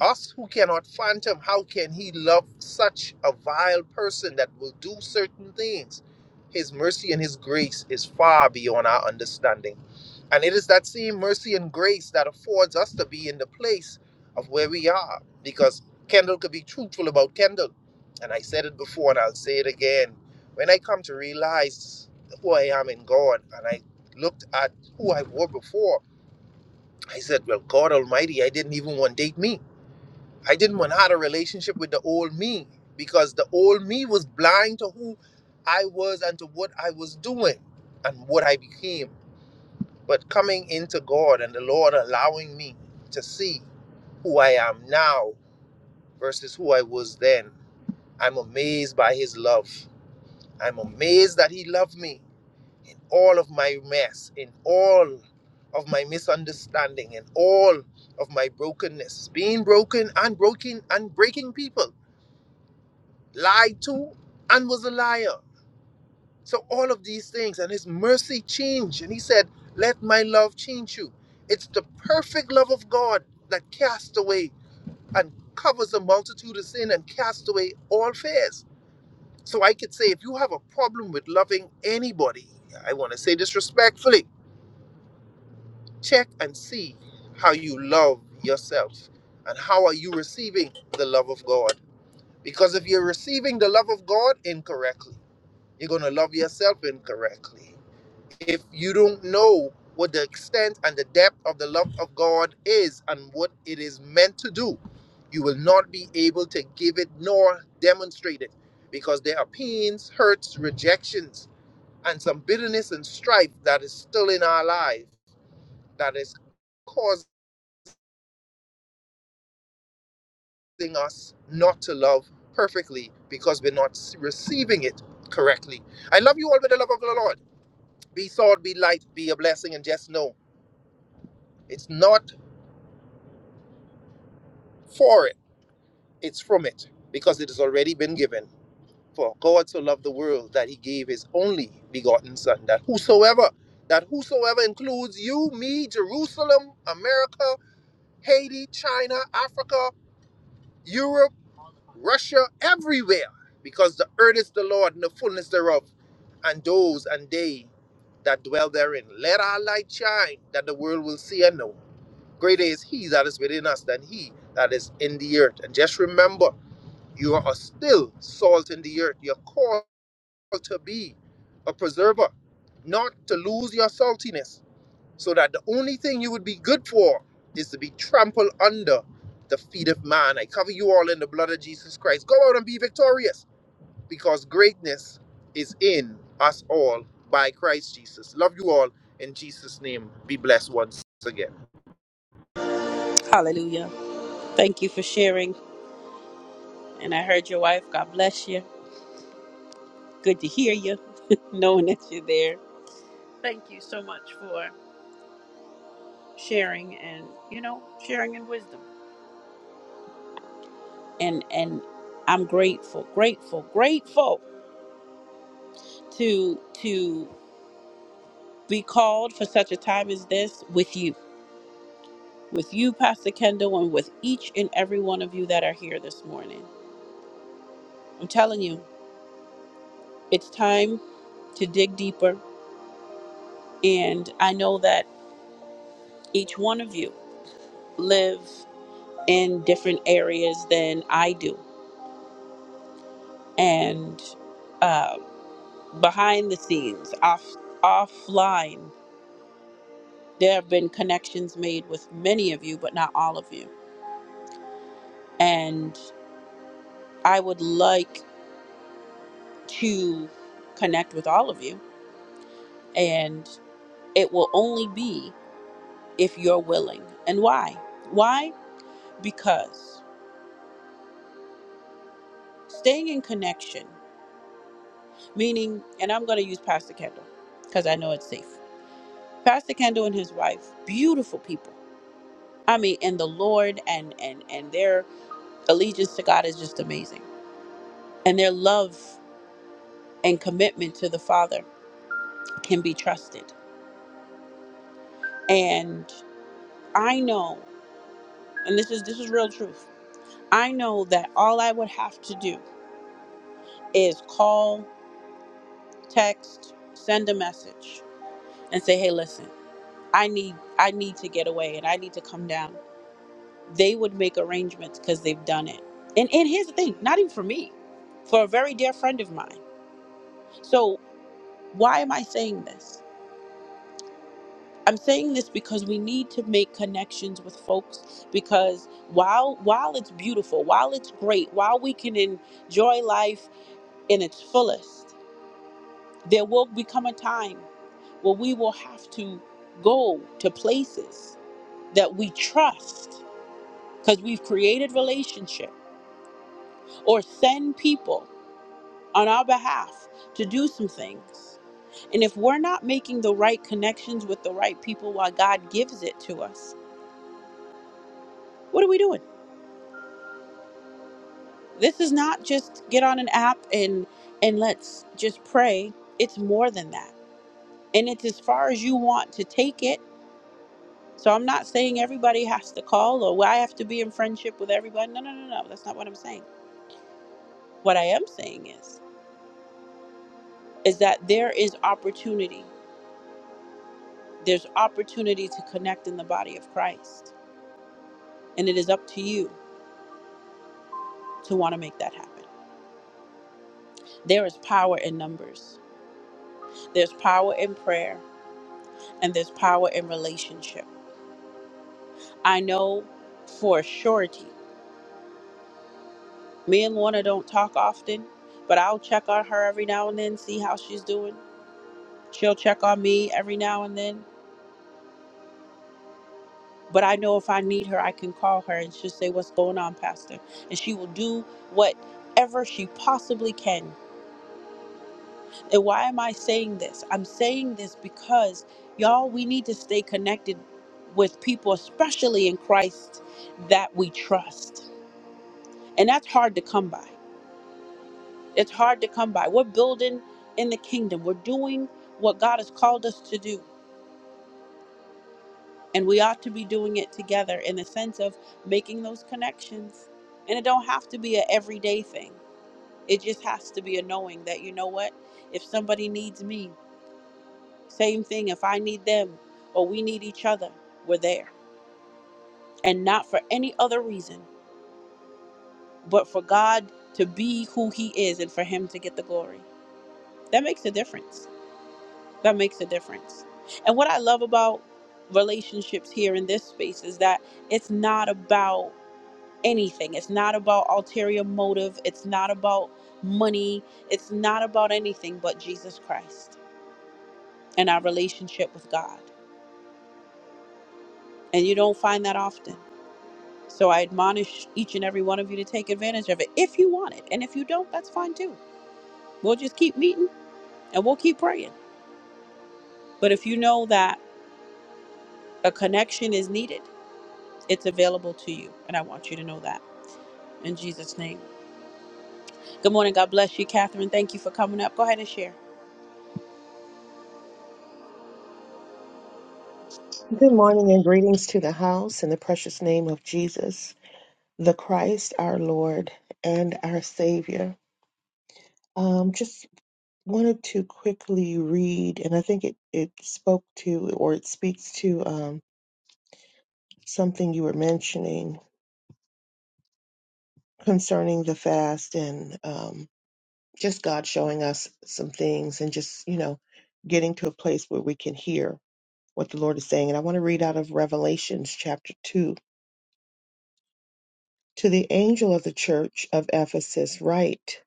us who cannot fathom how can he love such a vile person that will do certain things his mercy and his grace is far beyond our understanding and it is that same mercy and grace that affords us to be in the place of where we are. Because Kendall could be truthful about Kendall. And I said it before and I'll say it again. When I come to realize who I am in God and I looked at who I were before, I said, Well, God Almighty, I didn't even want to date me. I didn't want to have a relationship with the old me because the old me was blind to who I was and to what I was doing and what I became but coming into God and the Lord allowing me to see who I am now versus who I was then. I'm amazed by his love. I'm amazed that he loved me in all of my mess, in all of my misunderstanding, in all of my brokenness, being broken and broken and breaking people, lied to and was a liar. So all of these things and his mercy changed. And he said, Let my love change you. It's the perfect love of God that casts away and covers a multitude of sin and casts away all fears. So I could say if you have a problem with loving anybody, I want to say this respectfully, check and see how you love yourself and how are you receiving the love of God. Because if you're receiving the love of God incorrectly, you're going to love yourself incorrectly. if you don't know what the extent and the depth of the love of God is and what it is meant to do, you will not be able to give it nor demonstrate it because there are pains, hurts, rejections, and some bitterness and strife that is still in our life that is causing us not to love perfectly because we're not s- receiving it correctly. I love you all with the love of the Lord. Be salt, be light, be a blessing, and just know it's not for it. It's from it because it has already been given. For God so loved the world that he gave his only begotten Son, that whosoever, that whosoever includes you, me, Jerusalem, America, Haiti, China, Africa, Europe, Russia, everywhere, because the earth is the Lord and the fullness thereof, and those and they that dwell therein. Let our light shine that the world will see and know. Greater is he that is within us than he that is in the earth. And just remember, you are still salt in the earth. You're called to be a preserver, not to lose your saltiness, so that the only thing you would be good for is to be trampled under the feet of man. I cover you all in the blood of Jesus Christ. Go out and be victorious, because greatness is in us all by Christ Jesus. Love you all. In Jesus' name, be blessed once again. Hallelujah. Thank you for sharing. And I heard your wife. God bless you. Good to hear you. knowing that you're there. Thank you so much for sharing and you know sharing in wisdom. And and I'm grateful, grateful, grateful to to be called for such a time as this with you, with you, Pastor Kendall, and with each and every one of you that are here this morning. I'm telling you, it's time to dig deeper. And I know that each one of you live in different areas than I do, and. um behind the scenes, off offline. There have been connections made with many of you, but not all of you. And I would like to connect with all of you. And it will only be if you're willing. And why? Why? Because staying in connection, meaning, and I'm going to use Pastor Kendall because I know it's safe. Pastor Kendall and his wife, beautiful people. I mean, and the Lord and and and their allegiance to God is just amazing and their love and commitment to the father can be trusted and i know and this is this is real truth i know that all i would have to do is call text send a message and say hey listen i need i need to get away and i need to come down they would make arrangements because they've done it and and here's the thing not even for me for a very dear friend of mine so why am i saying this I'm saying this because we need to make connections with folks because while while it's beautiful, while it's great, while we can enjoy life in its fullest, there will become a time where we will have to go to places that we trust because we've created relationship or send people on our behalf to do some things. And if we're not making the right connections with the right people while God gives it to us, what are we doing? This is not just get on an app and and let's just pray. It's more than that. And it's as far as you want to take it. So I'm not saying everybody has to call or "Well, I have to be in friendship with everybody. No, no, no, no. That's not what I'm saying. What I am saying is is that there is opportunity. There's opportunity to connect in the body of Christ. And it is up to you to want to make that happen. There is power in numbers. There's power in prayer and there's power in relationship. I know for a surety. Me and Lorna don't talk often, but I'll check on her every now and then, see how she's doing. She'll check on me every now and then. But I know if I need her, I can call her and she'll say, What's going on, Pastor? And she will do whatever she possibly can. And why am I saying this? I'm saying this because, y'all, we need to stay connected with people, especially in Christ, that we trust. And that's hard to come by It's hard to come by. We're building in the kingdom. We're doing what God has called us to do. And we ought to be doing it together in the sense of making those connections. And it don't have to be an everyday thing. It just has to be a knowing that you know what? If somebody needs me, same thing. If I need them or we need each other, we're there. And not for any other reason, but for God to be who he is and for him to get the glory. That makes a difference that makes a difference. And what I love about relationships here in this space is that it's not about anything. It's not about ulterior motive. It's not about money. It's not about anything but Jesus Christ and our relationship with God. And you don't find that often. So I admonish each and every one of you to take advantage of it if you want it. And if you don't, that's fine too. We'll just keep meeting and we'll keep praying. But if you know that a connection is needed, it's available to you. And I want you to know that. in Jesus' name. Good morning. God bless you, Catherine. Thank you for coming up. Go ahead and share. Good morning and greetings to the house in the precious name of Jesus, the Christ, our Lord and our Savior. Um, just wanted to quickly read, and I think it, it spoke to or it speaks to um, something you were mentioning concerning the fast and um, just God showing us some things and just, you know, getting to a place where we can hear what the Lord is saying. And I want to read out of Revelations chapter 2 To the angel of the church of Ephesus write,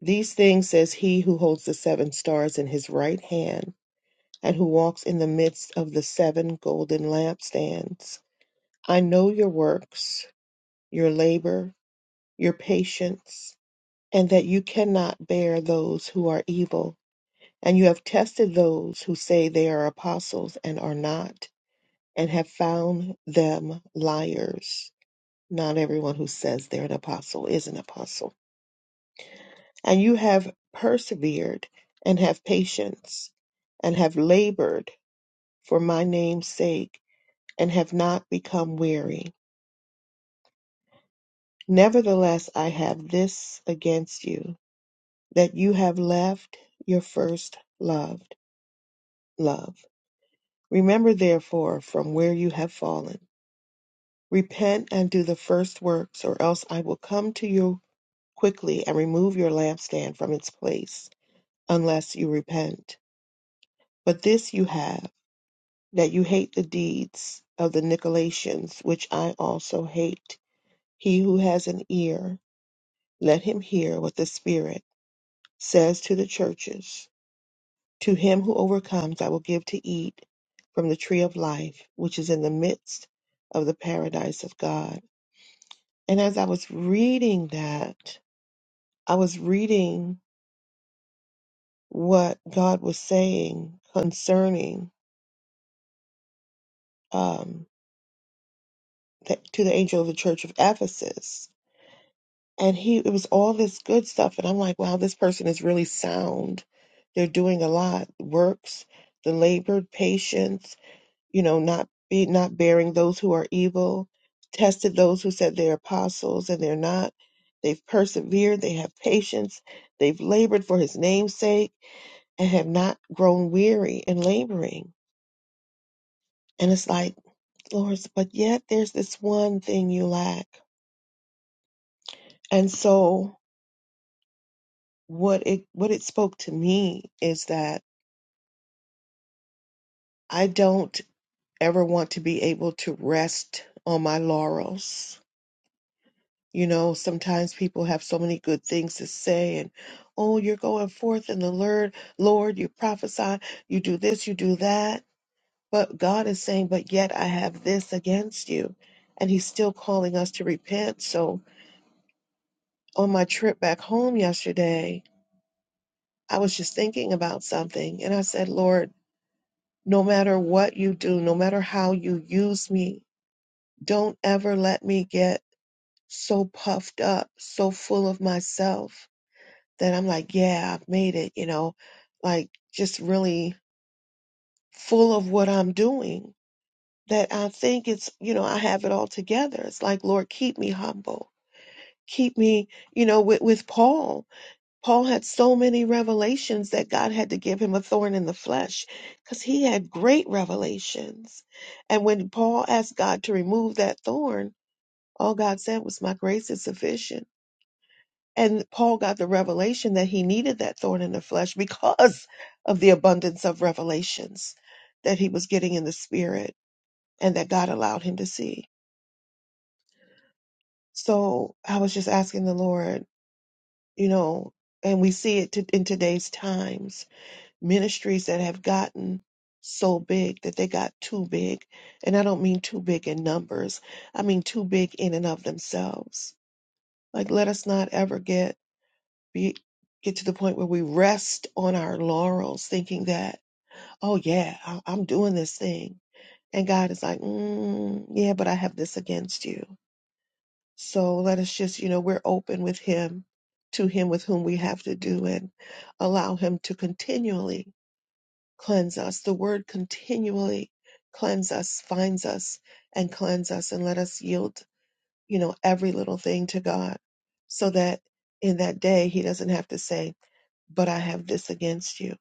These things says he who holds the seven stars in his right hand, and who walks in the midst of the seven golden lampstands. I know your works, your labor, your patience, and that you cannot bear those who are evil. And you have tested those who say they are apostles and are not, and have found them liars. Not everyone who says they're an apostle is an apostle and you have persevered and have patience and have labored for my name's sake and have not become weary. Nevertheless, I have this against you, that you have left your first loved love. Remember therefore from where you have fallen. Repent and do the first works, or else I will come to you quickly and remove your lampstand from its place, unless you repent. But this you have that you hate the deeds of the Nicolaitans, which I also hate. He who has an ear, let him hear what the Spirit says to the churches. To him who overcomes, I will give to eat from the tree of life, which is in the midst of the paradise of God. And as I was reading that, I was reading what God was saying concerning um, the, to the angel of the church of Ephesus and he it was all this good stuff and i'm like wow this person is really sound they're doing a lot works the labored patience you know not be not bearing those who are evil tested those who said they're apostles and they're not they've persevered they have patience they've labored for his name's sake and have not grown weary in laboring and it's like lord but yet there's this one thing you lack and so what it what it spoke to me is that I don't ever want to be able to rest on my laurels. You know, sometimes people have so many good things to say, and oh, you're going forth in the Lord, Lord, you prophesy, you do this, you do that. But God is saying, but yet I have this against you. And He's still calling us to repent. So on my trip back home yesterday, I was just thinking about something, and I said, Lord, no matter what you do, no matter how you use me, Don't ever let me get so puffed up, so full of myself that I'm like, yeah, I've made it, you know, like just really full of what I'm doing that I think it's, you know, I have it all together. It's like, Lord, keep me humble. Keep me, you know, with, with Paul. Paul had so many revelations that God had to give him a thorn in the flesh because he had great revelations. And when Paul asked God to remove that thorn, All God said was, My grace is sufficient. And Paul got the revelation that he needed that thorn in the flesh because of the abundance of revelations that he was getting in the spirit and that God allowed him to see. So I was just asking the Lord, you know, and we see it to, in today's times ministries that have gotten so big that they got too big. And I don't mean too big in numbers, I mean too big in and of themselves. Like, let us not ever get we get to the point where we rest on our laurels, thinking that, oh, yeah, I- I'm doing this thing. And God is like, mm, yeah, but I have this against you. So let us just, you know, we're open with Him, to Him with whom we have to do, and allow Him to continually cleanse us. The word continually cleanse us, finds us, and cleanse us, and let us yield you know, every little thing to God so that in that day he doesn't have to say, but I have this against you.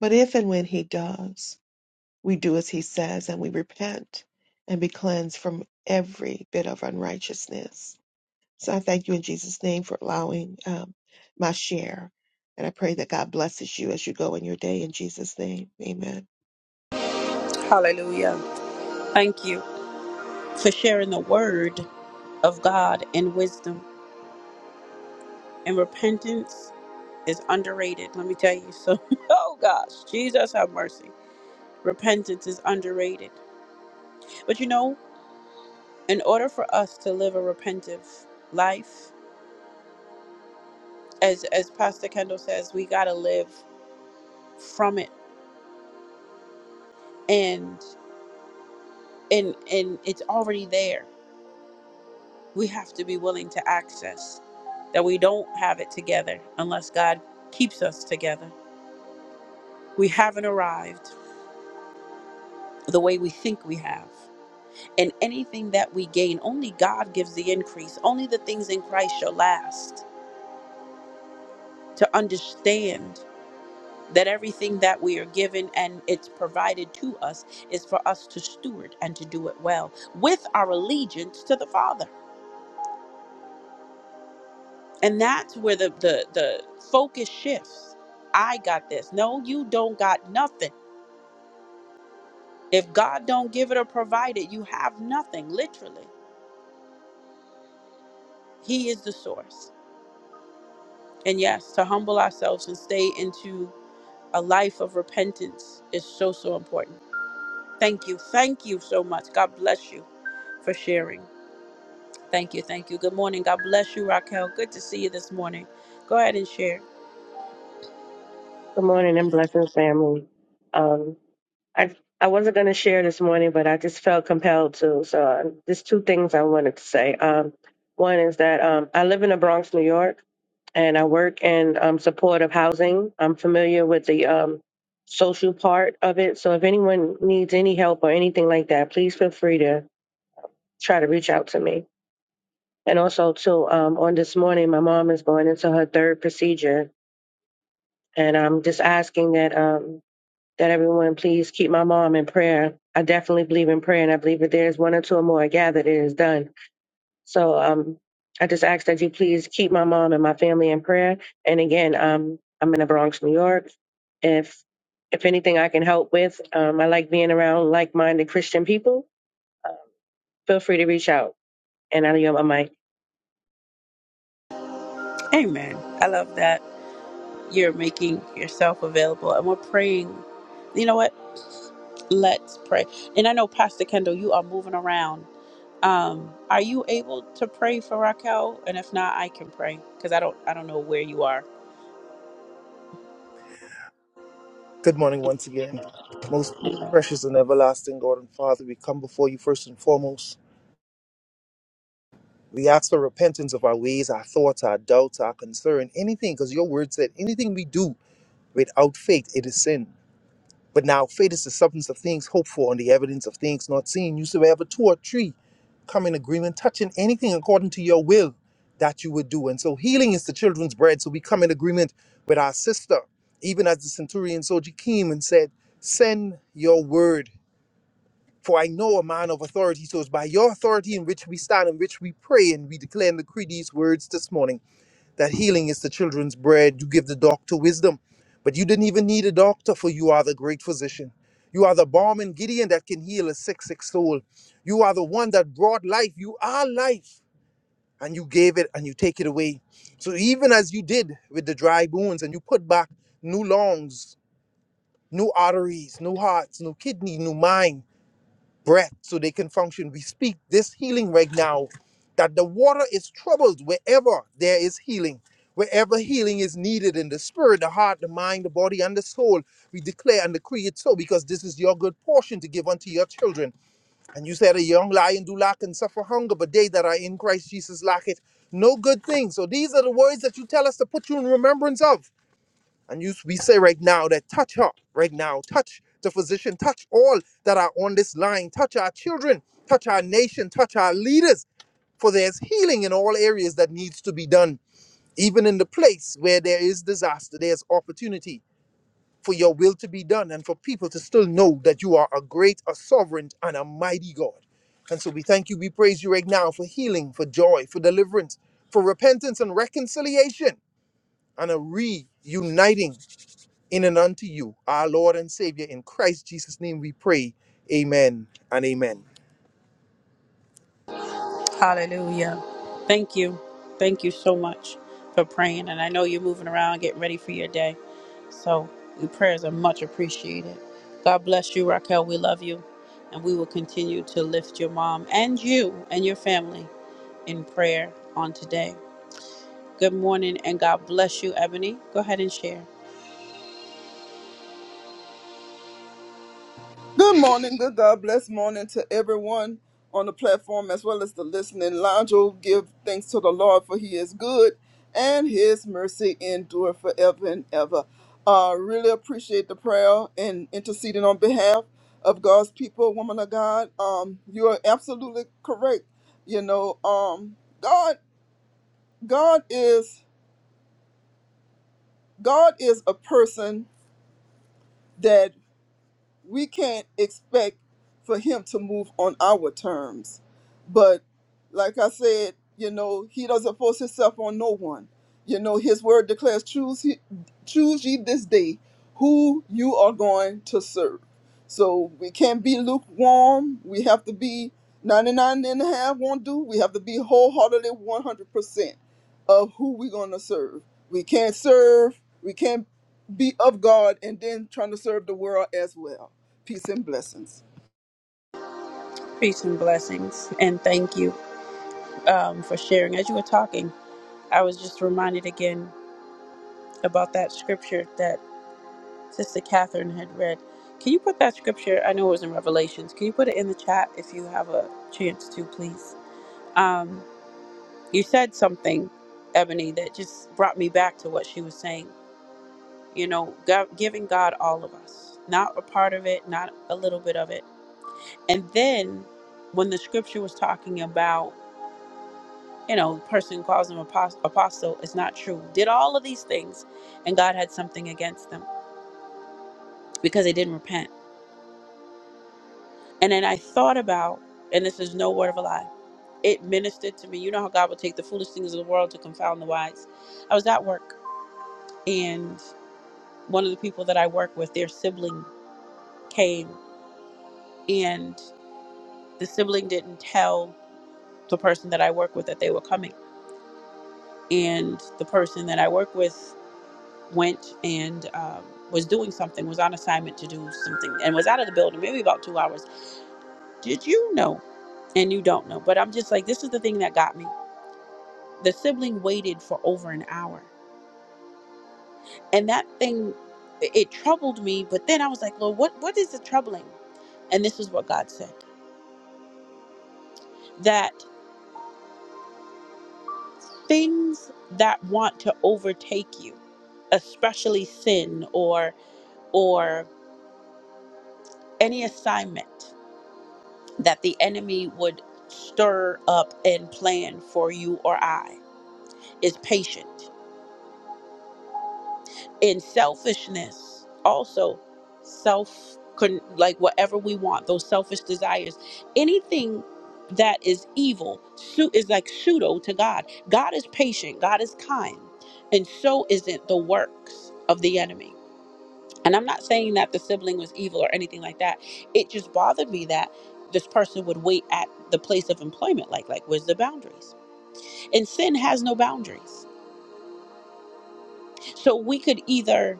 But if and when he does, we do as he says and we repent and be cleansed from every bit of unrighteousness. So I thank you in Jesus' name for allowing um, my share. And I pray that God blesses you as you go in your day in Jesus' name. Amen. Hallelujah. Thank you for sharing the word of God and wisdom. And repentance is underrated. Let me tell you. So, oh gosh, Jesus have mercy. Repentance is underrated. But you know, in order for us to live a repentive life, as as Pastor Kendall says, we gotta live from it. And and and it's already there. We have to be willing to access. that we don't have it together unless God keeps us together. We haven't arrived the way we think we have. And anything that we gain, only God gives the increase. Only the things in Christ shall last. To understand that everything that we are given and it's provided to us is for us to steward and to do it well with our allegiance to the Father. And that's where the the, the focus shifts. I got this. No, you don't got nothing. If God don't give it or provide it, you have nothing, literally. He is the source. And yes, to humble ourselves and stay into a life of repentance is so, so important. Thank you. Thank you so much. God bless you for sharing. Thank you. Thank you. Good morning. God bless you, Raquel. Good to see you this morning. Go ahead and share. Good morning and blessings, family. Um, I I wasn't going to share this morning, but I just felt compelled to. So uh, there's two things I wanted to say. Um, one is that um, I live in the Bronx, New York, and I work in um, supportive housing. I'm familiar with the um, social part of it. So if anyone needs any help or anything like that, please feel free to try to reach out to me. And also, too, um, on this morning, my mom is going into her third procedure, and I'm just asking that. Um, that everyone please keep my mom in prayer. I definitely believe in prayer, and I believe that there is one or two or more gathered, it is done. So um, I just ask that you please keep my mom and my family in prayer. And again, um, I'm in the Bronx, New York. If if anything I can help with, um, I like being around like-minded Christian people. Um, feel free to reach out, and I know my mic. Amen. I love that. you're making yourself available and we're praying. You know what? Let's pray. And I know Pastor Kendall, you are moving around. Um, are you able to pray for Raquel? And if not, I can pray because I don't I don't know where you are. Good morning once again. Most precious and everlasting God and Father, we come before you first and foremost We ask for repentance of our ways, our thoughts, our doubts, our concern, anything, because your word said anything we do without faith, it is sin. But now faith is the substance of things hoped for and the evidence of things not seen. You said wherever two or three come in agreement, touching anything according to your will that you would do. And so healing is the children's bread. So we come in agreement with our sister, even as the centurion soldier came and said, Send your word for I know a man of authority, so it's by your authority in which we stand, in which we pray, and we declare and decree these words this morning that healing is the children's bread. You give the doctor wisdom, but you didn't even need a doctor, for you are the great physician. You are the balm in Gideon that can heal a sick, sick soul. You are the one that brought life. You are life, and you gave it and you take it away. So even as you did with the dry bones, and you put back new lungs, new arteries, new hearts, new kidney, new mind breath so they can function. We speak this healing right now that the water is troubled wherever there is healing. Wherever healing is needed in the spirit, the heart, the mind, the body, and the soul, we declare and decree it so because this is your good portion to give unto your children. And you said, A young lion do lack and suffer hunger, but they that are in Christ Jesus lack it no good thing. So these are the words that you tell us to put you in remembrance of. And you, we say right now that touch her right now, touch the physician, touch all that are on this line, touch our children, touch our nation, touch our leaders, for there's healing in all areas that needs to be done. Even in the place where there is disaster, there's opportunity for your will to be done and for people to still know that you are a great, a sovereign, and a mighty God. And so we thank you, we praise you right now for healing, for joy, for deliverance, for repentance and reconciliation and a reuniting in and unto you, our Lord and Savior. In Christ Jesus' name we pray. Amen and amen. Hallelujah. Thank you. Thank you so much for praying. And I know you're moving around, getting ready for your day. So your prayers are much appreciated. God bless you, Raquel. We love you. And we will continue to lift your mom and you and your family in prayer on today. Good morning and God bless you, Ebony. Go ahead and share. Good morning, good God bless morning to everyone on the platform as well as the listening lounge. Oh, give thanks to the Lord for He is good and His mercy endure forever and ever. Uh, really appreciate the prayer and interceding on behalf of God's people, woman of God. Um, you are absolutely correct. You know, um, God, God is God is a person we can't expect for him to move on our terms. But like I said, you know, he doesn't force himself on no one. You know, his word declares, choose, he, choose ye this day who you are going to serve. So we can't be lukewarm. We have to be 99 and a half won't do. We have to be wholeheartedly 100% of who we're going to serve. We can't serve, we can't be of God and then trying to serve the world as well. Peace and blessings. Peace and blessings. And thank you um, for sharing. As you were talking, I was just reminded again about that scripture that Sister Catherine had read. Can you put that scripture? I know it was in Revelations. Can you put it in the chat if you have a chance to, please? Um, you said something, Ebony, that just brought me back to what she was saying. You know, God, giving God all of us, not a part of it, not a little bit of it And then when the scripture was talking about, you know, the person who calls him apostle, apostle is not true, did all of these things, and God had something against them because they didn't repent. And then I thought about, and this is no word of a lie, it ministered to me. You know how God will take the foolish things of the world to confound the wise. I was at work, and one of the people that I work with, their sibling came, and the sibling didn't tell the person that I work with that they were coming and the person that I work with went and um, was doing something, was on assignment to do something, and was out of the building maybe about two hours. Did you know? And you don't know. But I'm just like, this is the thing that got me. The sibling waited for over an hour, and that thing, it it troubled me. But then I was like, Lord, what what is the troubling? And this is what God said: that things that want to overtake you, especially sin or or any assignment that the enemy would stir up and plan for you or I is patient. In selfishness, also self, con- like whatever we want, those selfish desires, anything that is evil su- is like pseudo to God. God is patient, God is kind, and so isn't the works of the enemy. And I'm not saying that the sibling was evil or anything like that. It just bothered me that this person would wait at the place of employment like like where's the boundaries? And sin has no boundaries. So we could either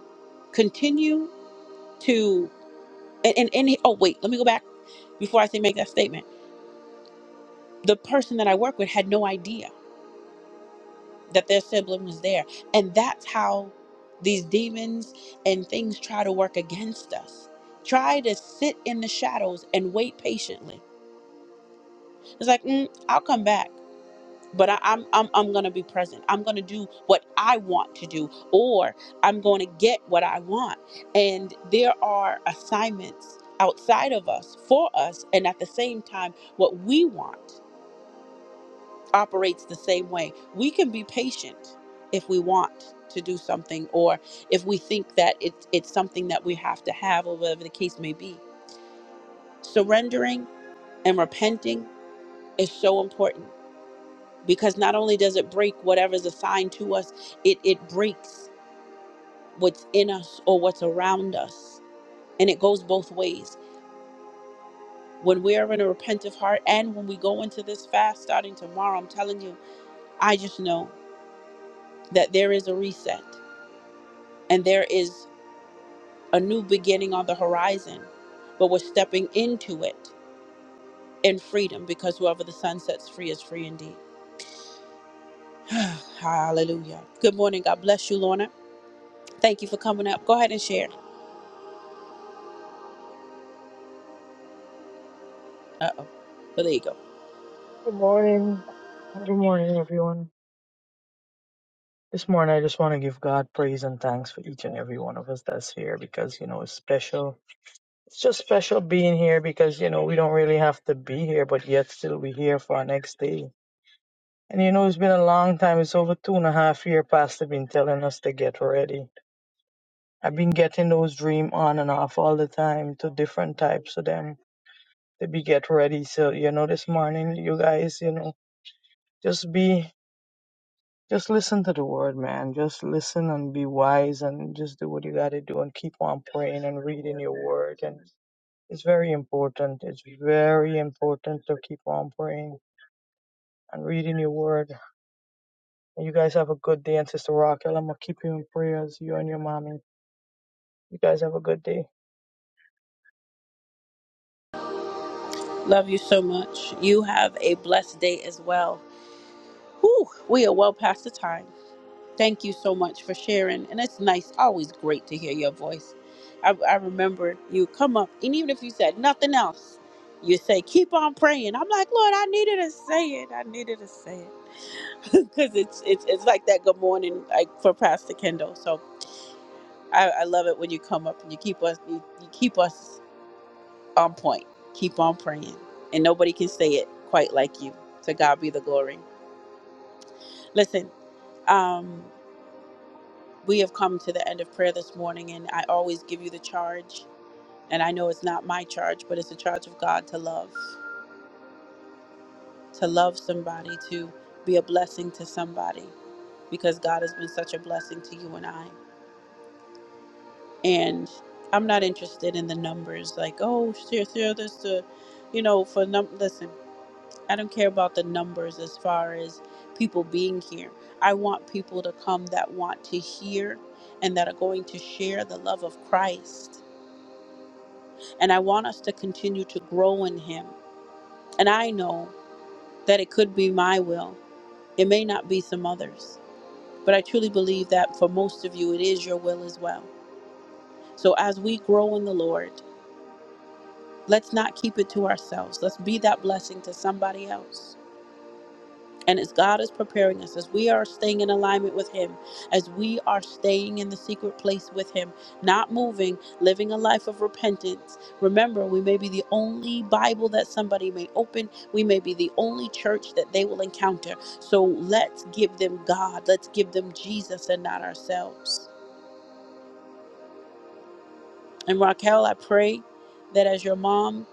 continue to and and, and oh wait, let me go back before I say make that statement. The person that I work with had no idea that their sibling was there. And that's how these demons and things try to work against us. Try to sit in the shadows and wait patiently It's like, mm, I'll come back, but I, I'm I'm I'm gonna be present. I'm gonna do what I want to do, or I'm going to get what I want. And there are assignments outside of us for us, and at the same time, what we want operates the same way. We can be patient if we want to do something, or if we think that it's it's something that we have to have, or whatever the case may be. Surrendering and repenting is so important because not only does it break whatever's assigned to us, it, it breaks what's in us or what's around us. And it goes both ways. When we are in a repentant heart and when we go into this fast starting tomorrow, I'm telling you, I just know that there is a reset and there is a new beginning on the horizon. But we're stepping into it in freedom because whoever the sun sets free is free indeed. Hallelujah. Good morning. God bless you, Lorna. Thank you for coming up. Go ahead and share. Uh oh. Well, there you go. Good morning. Good morning, everyone. This morning, I just want to give God praise and thanks for each and every one of us that's here because, you know, it's special. It's just special being here because, you know, we don't really have to be here, but yet still we're here for our next day. And, you know, it's been a long time. It's over two and a half year Pastor been telling us to get ready. I've been getting those dream on and off all the time to different types of them to be get ready. So, you know, this morning, you guys, you know, just be. Just listen to the word, man. Just listen and be wise and just do what you got to do and keep on praying and reading your word. And it's very important. It's very important to keep on praying and reading your word. And you guys have a good day. And Sister Raquel, I'm going to keep you in prayers, you and your mommy. You guys have a good day. Love you so much. You have a blessed day as well. Whew, we are well past the time. Thank you so much for sharing. And it's nice, always great to hear your voice. I, I remember you come up, and even if you said nothing else, you say, keep on praying. I'm like, Lord, I needed to say it. I needed to say it. Because it's, it's, it's like that good morning like for Pastor Kendall. So I, I love it when you come up and you keep us, you, you keep us on point. Keep on praying. And nobody can say it quite like you. To God be the glory. Listen, um, we have come to the end of prayer this morning, and I always give you the charge. And I know it's not my charge, but it's a charge of God to love, to love somebody, to be a blessing to somebody, because God has been such a blessing to you and I. And I'm not interested in the numbers, like, oh, share, share this to, you know, for num. Listen, I don't care about the numbers as far as people being here. I want people to come that want to hear and that are going to share the love of Christ. And I want us to continue to grow in Him. And I know that it could be my will, it may not be some others. But I truly believe that for most of you, it is your will as well. So as we grow in the Lord, let's not keep it to ourselves. Let's be that blessing to somebody else And as God is preparing us, as we are staying in alignment with Him, as we are staying in the secret place with Him, not moving, living a life of repentance. Remember, we may be the only Bible that somebody may open, we may be the only church that they will encounter. So let's give them God, let's give them Jesus and not ourselves. And Raquel, I pray that as your mom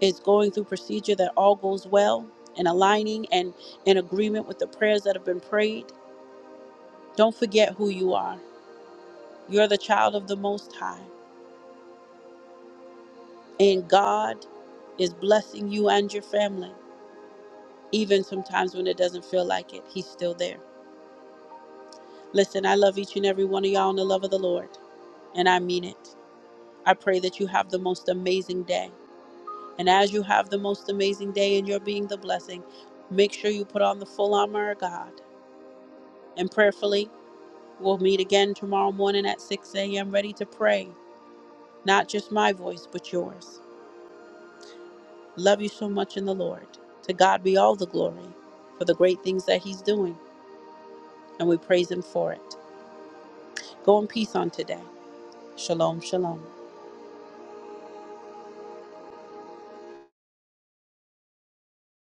is going through procedure, that all goes well and aligning and in agreement with the prayers that have been prayed Don't forget who you are. You're the child of the Most High, and God is blessing you and your family. Even sometimes when it doesn't feel like it, He's still there. Listen, I love each and every one of y'all in the love of the Lord, and I mean it. I pray that you have the most amazing day. And as you have the most amazing day and you're being the blessing, make sure you put on the full armor of God. And prayerfully, we'll meet again tomorrow morning at 6 a.m., ready to pray. Not just my voice, but yours. Love you so much in the Lord. To God be all the glory for the great things that He's doing, and we praise Him for it. Go in peace on today. Shalom, shalom.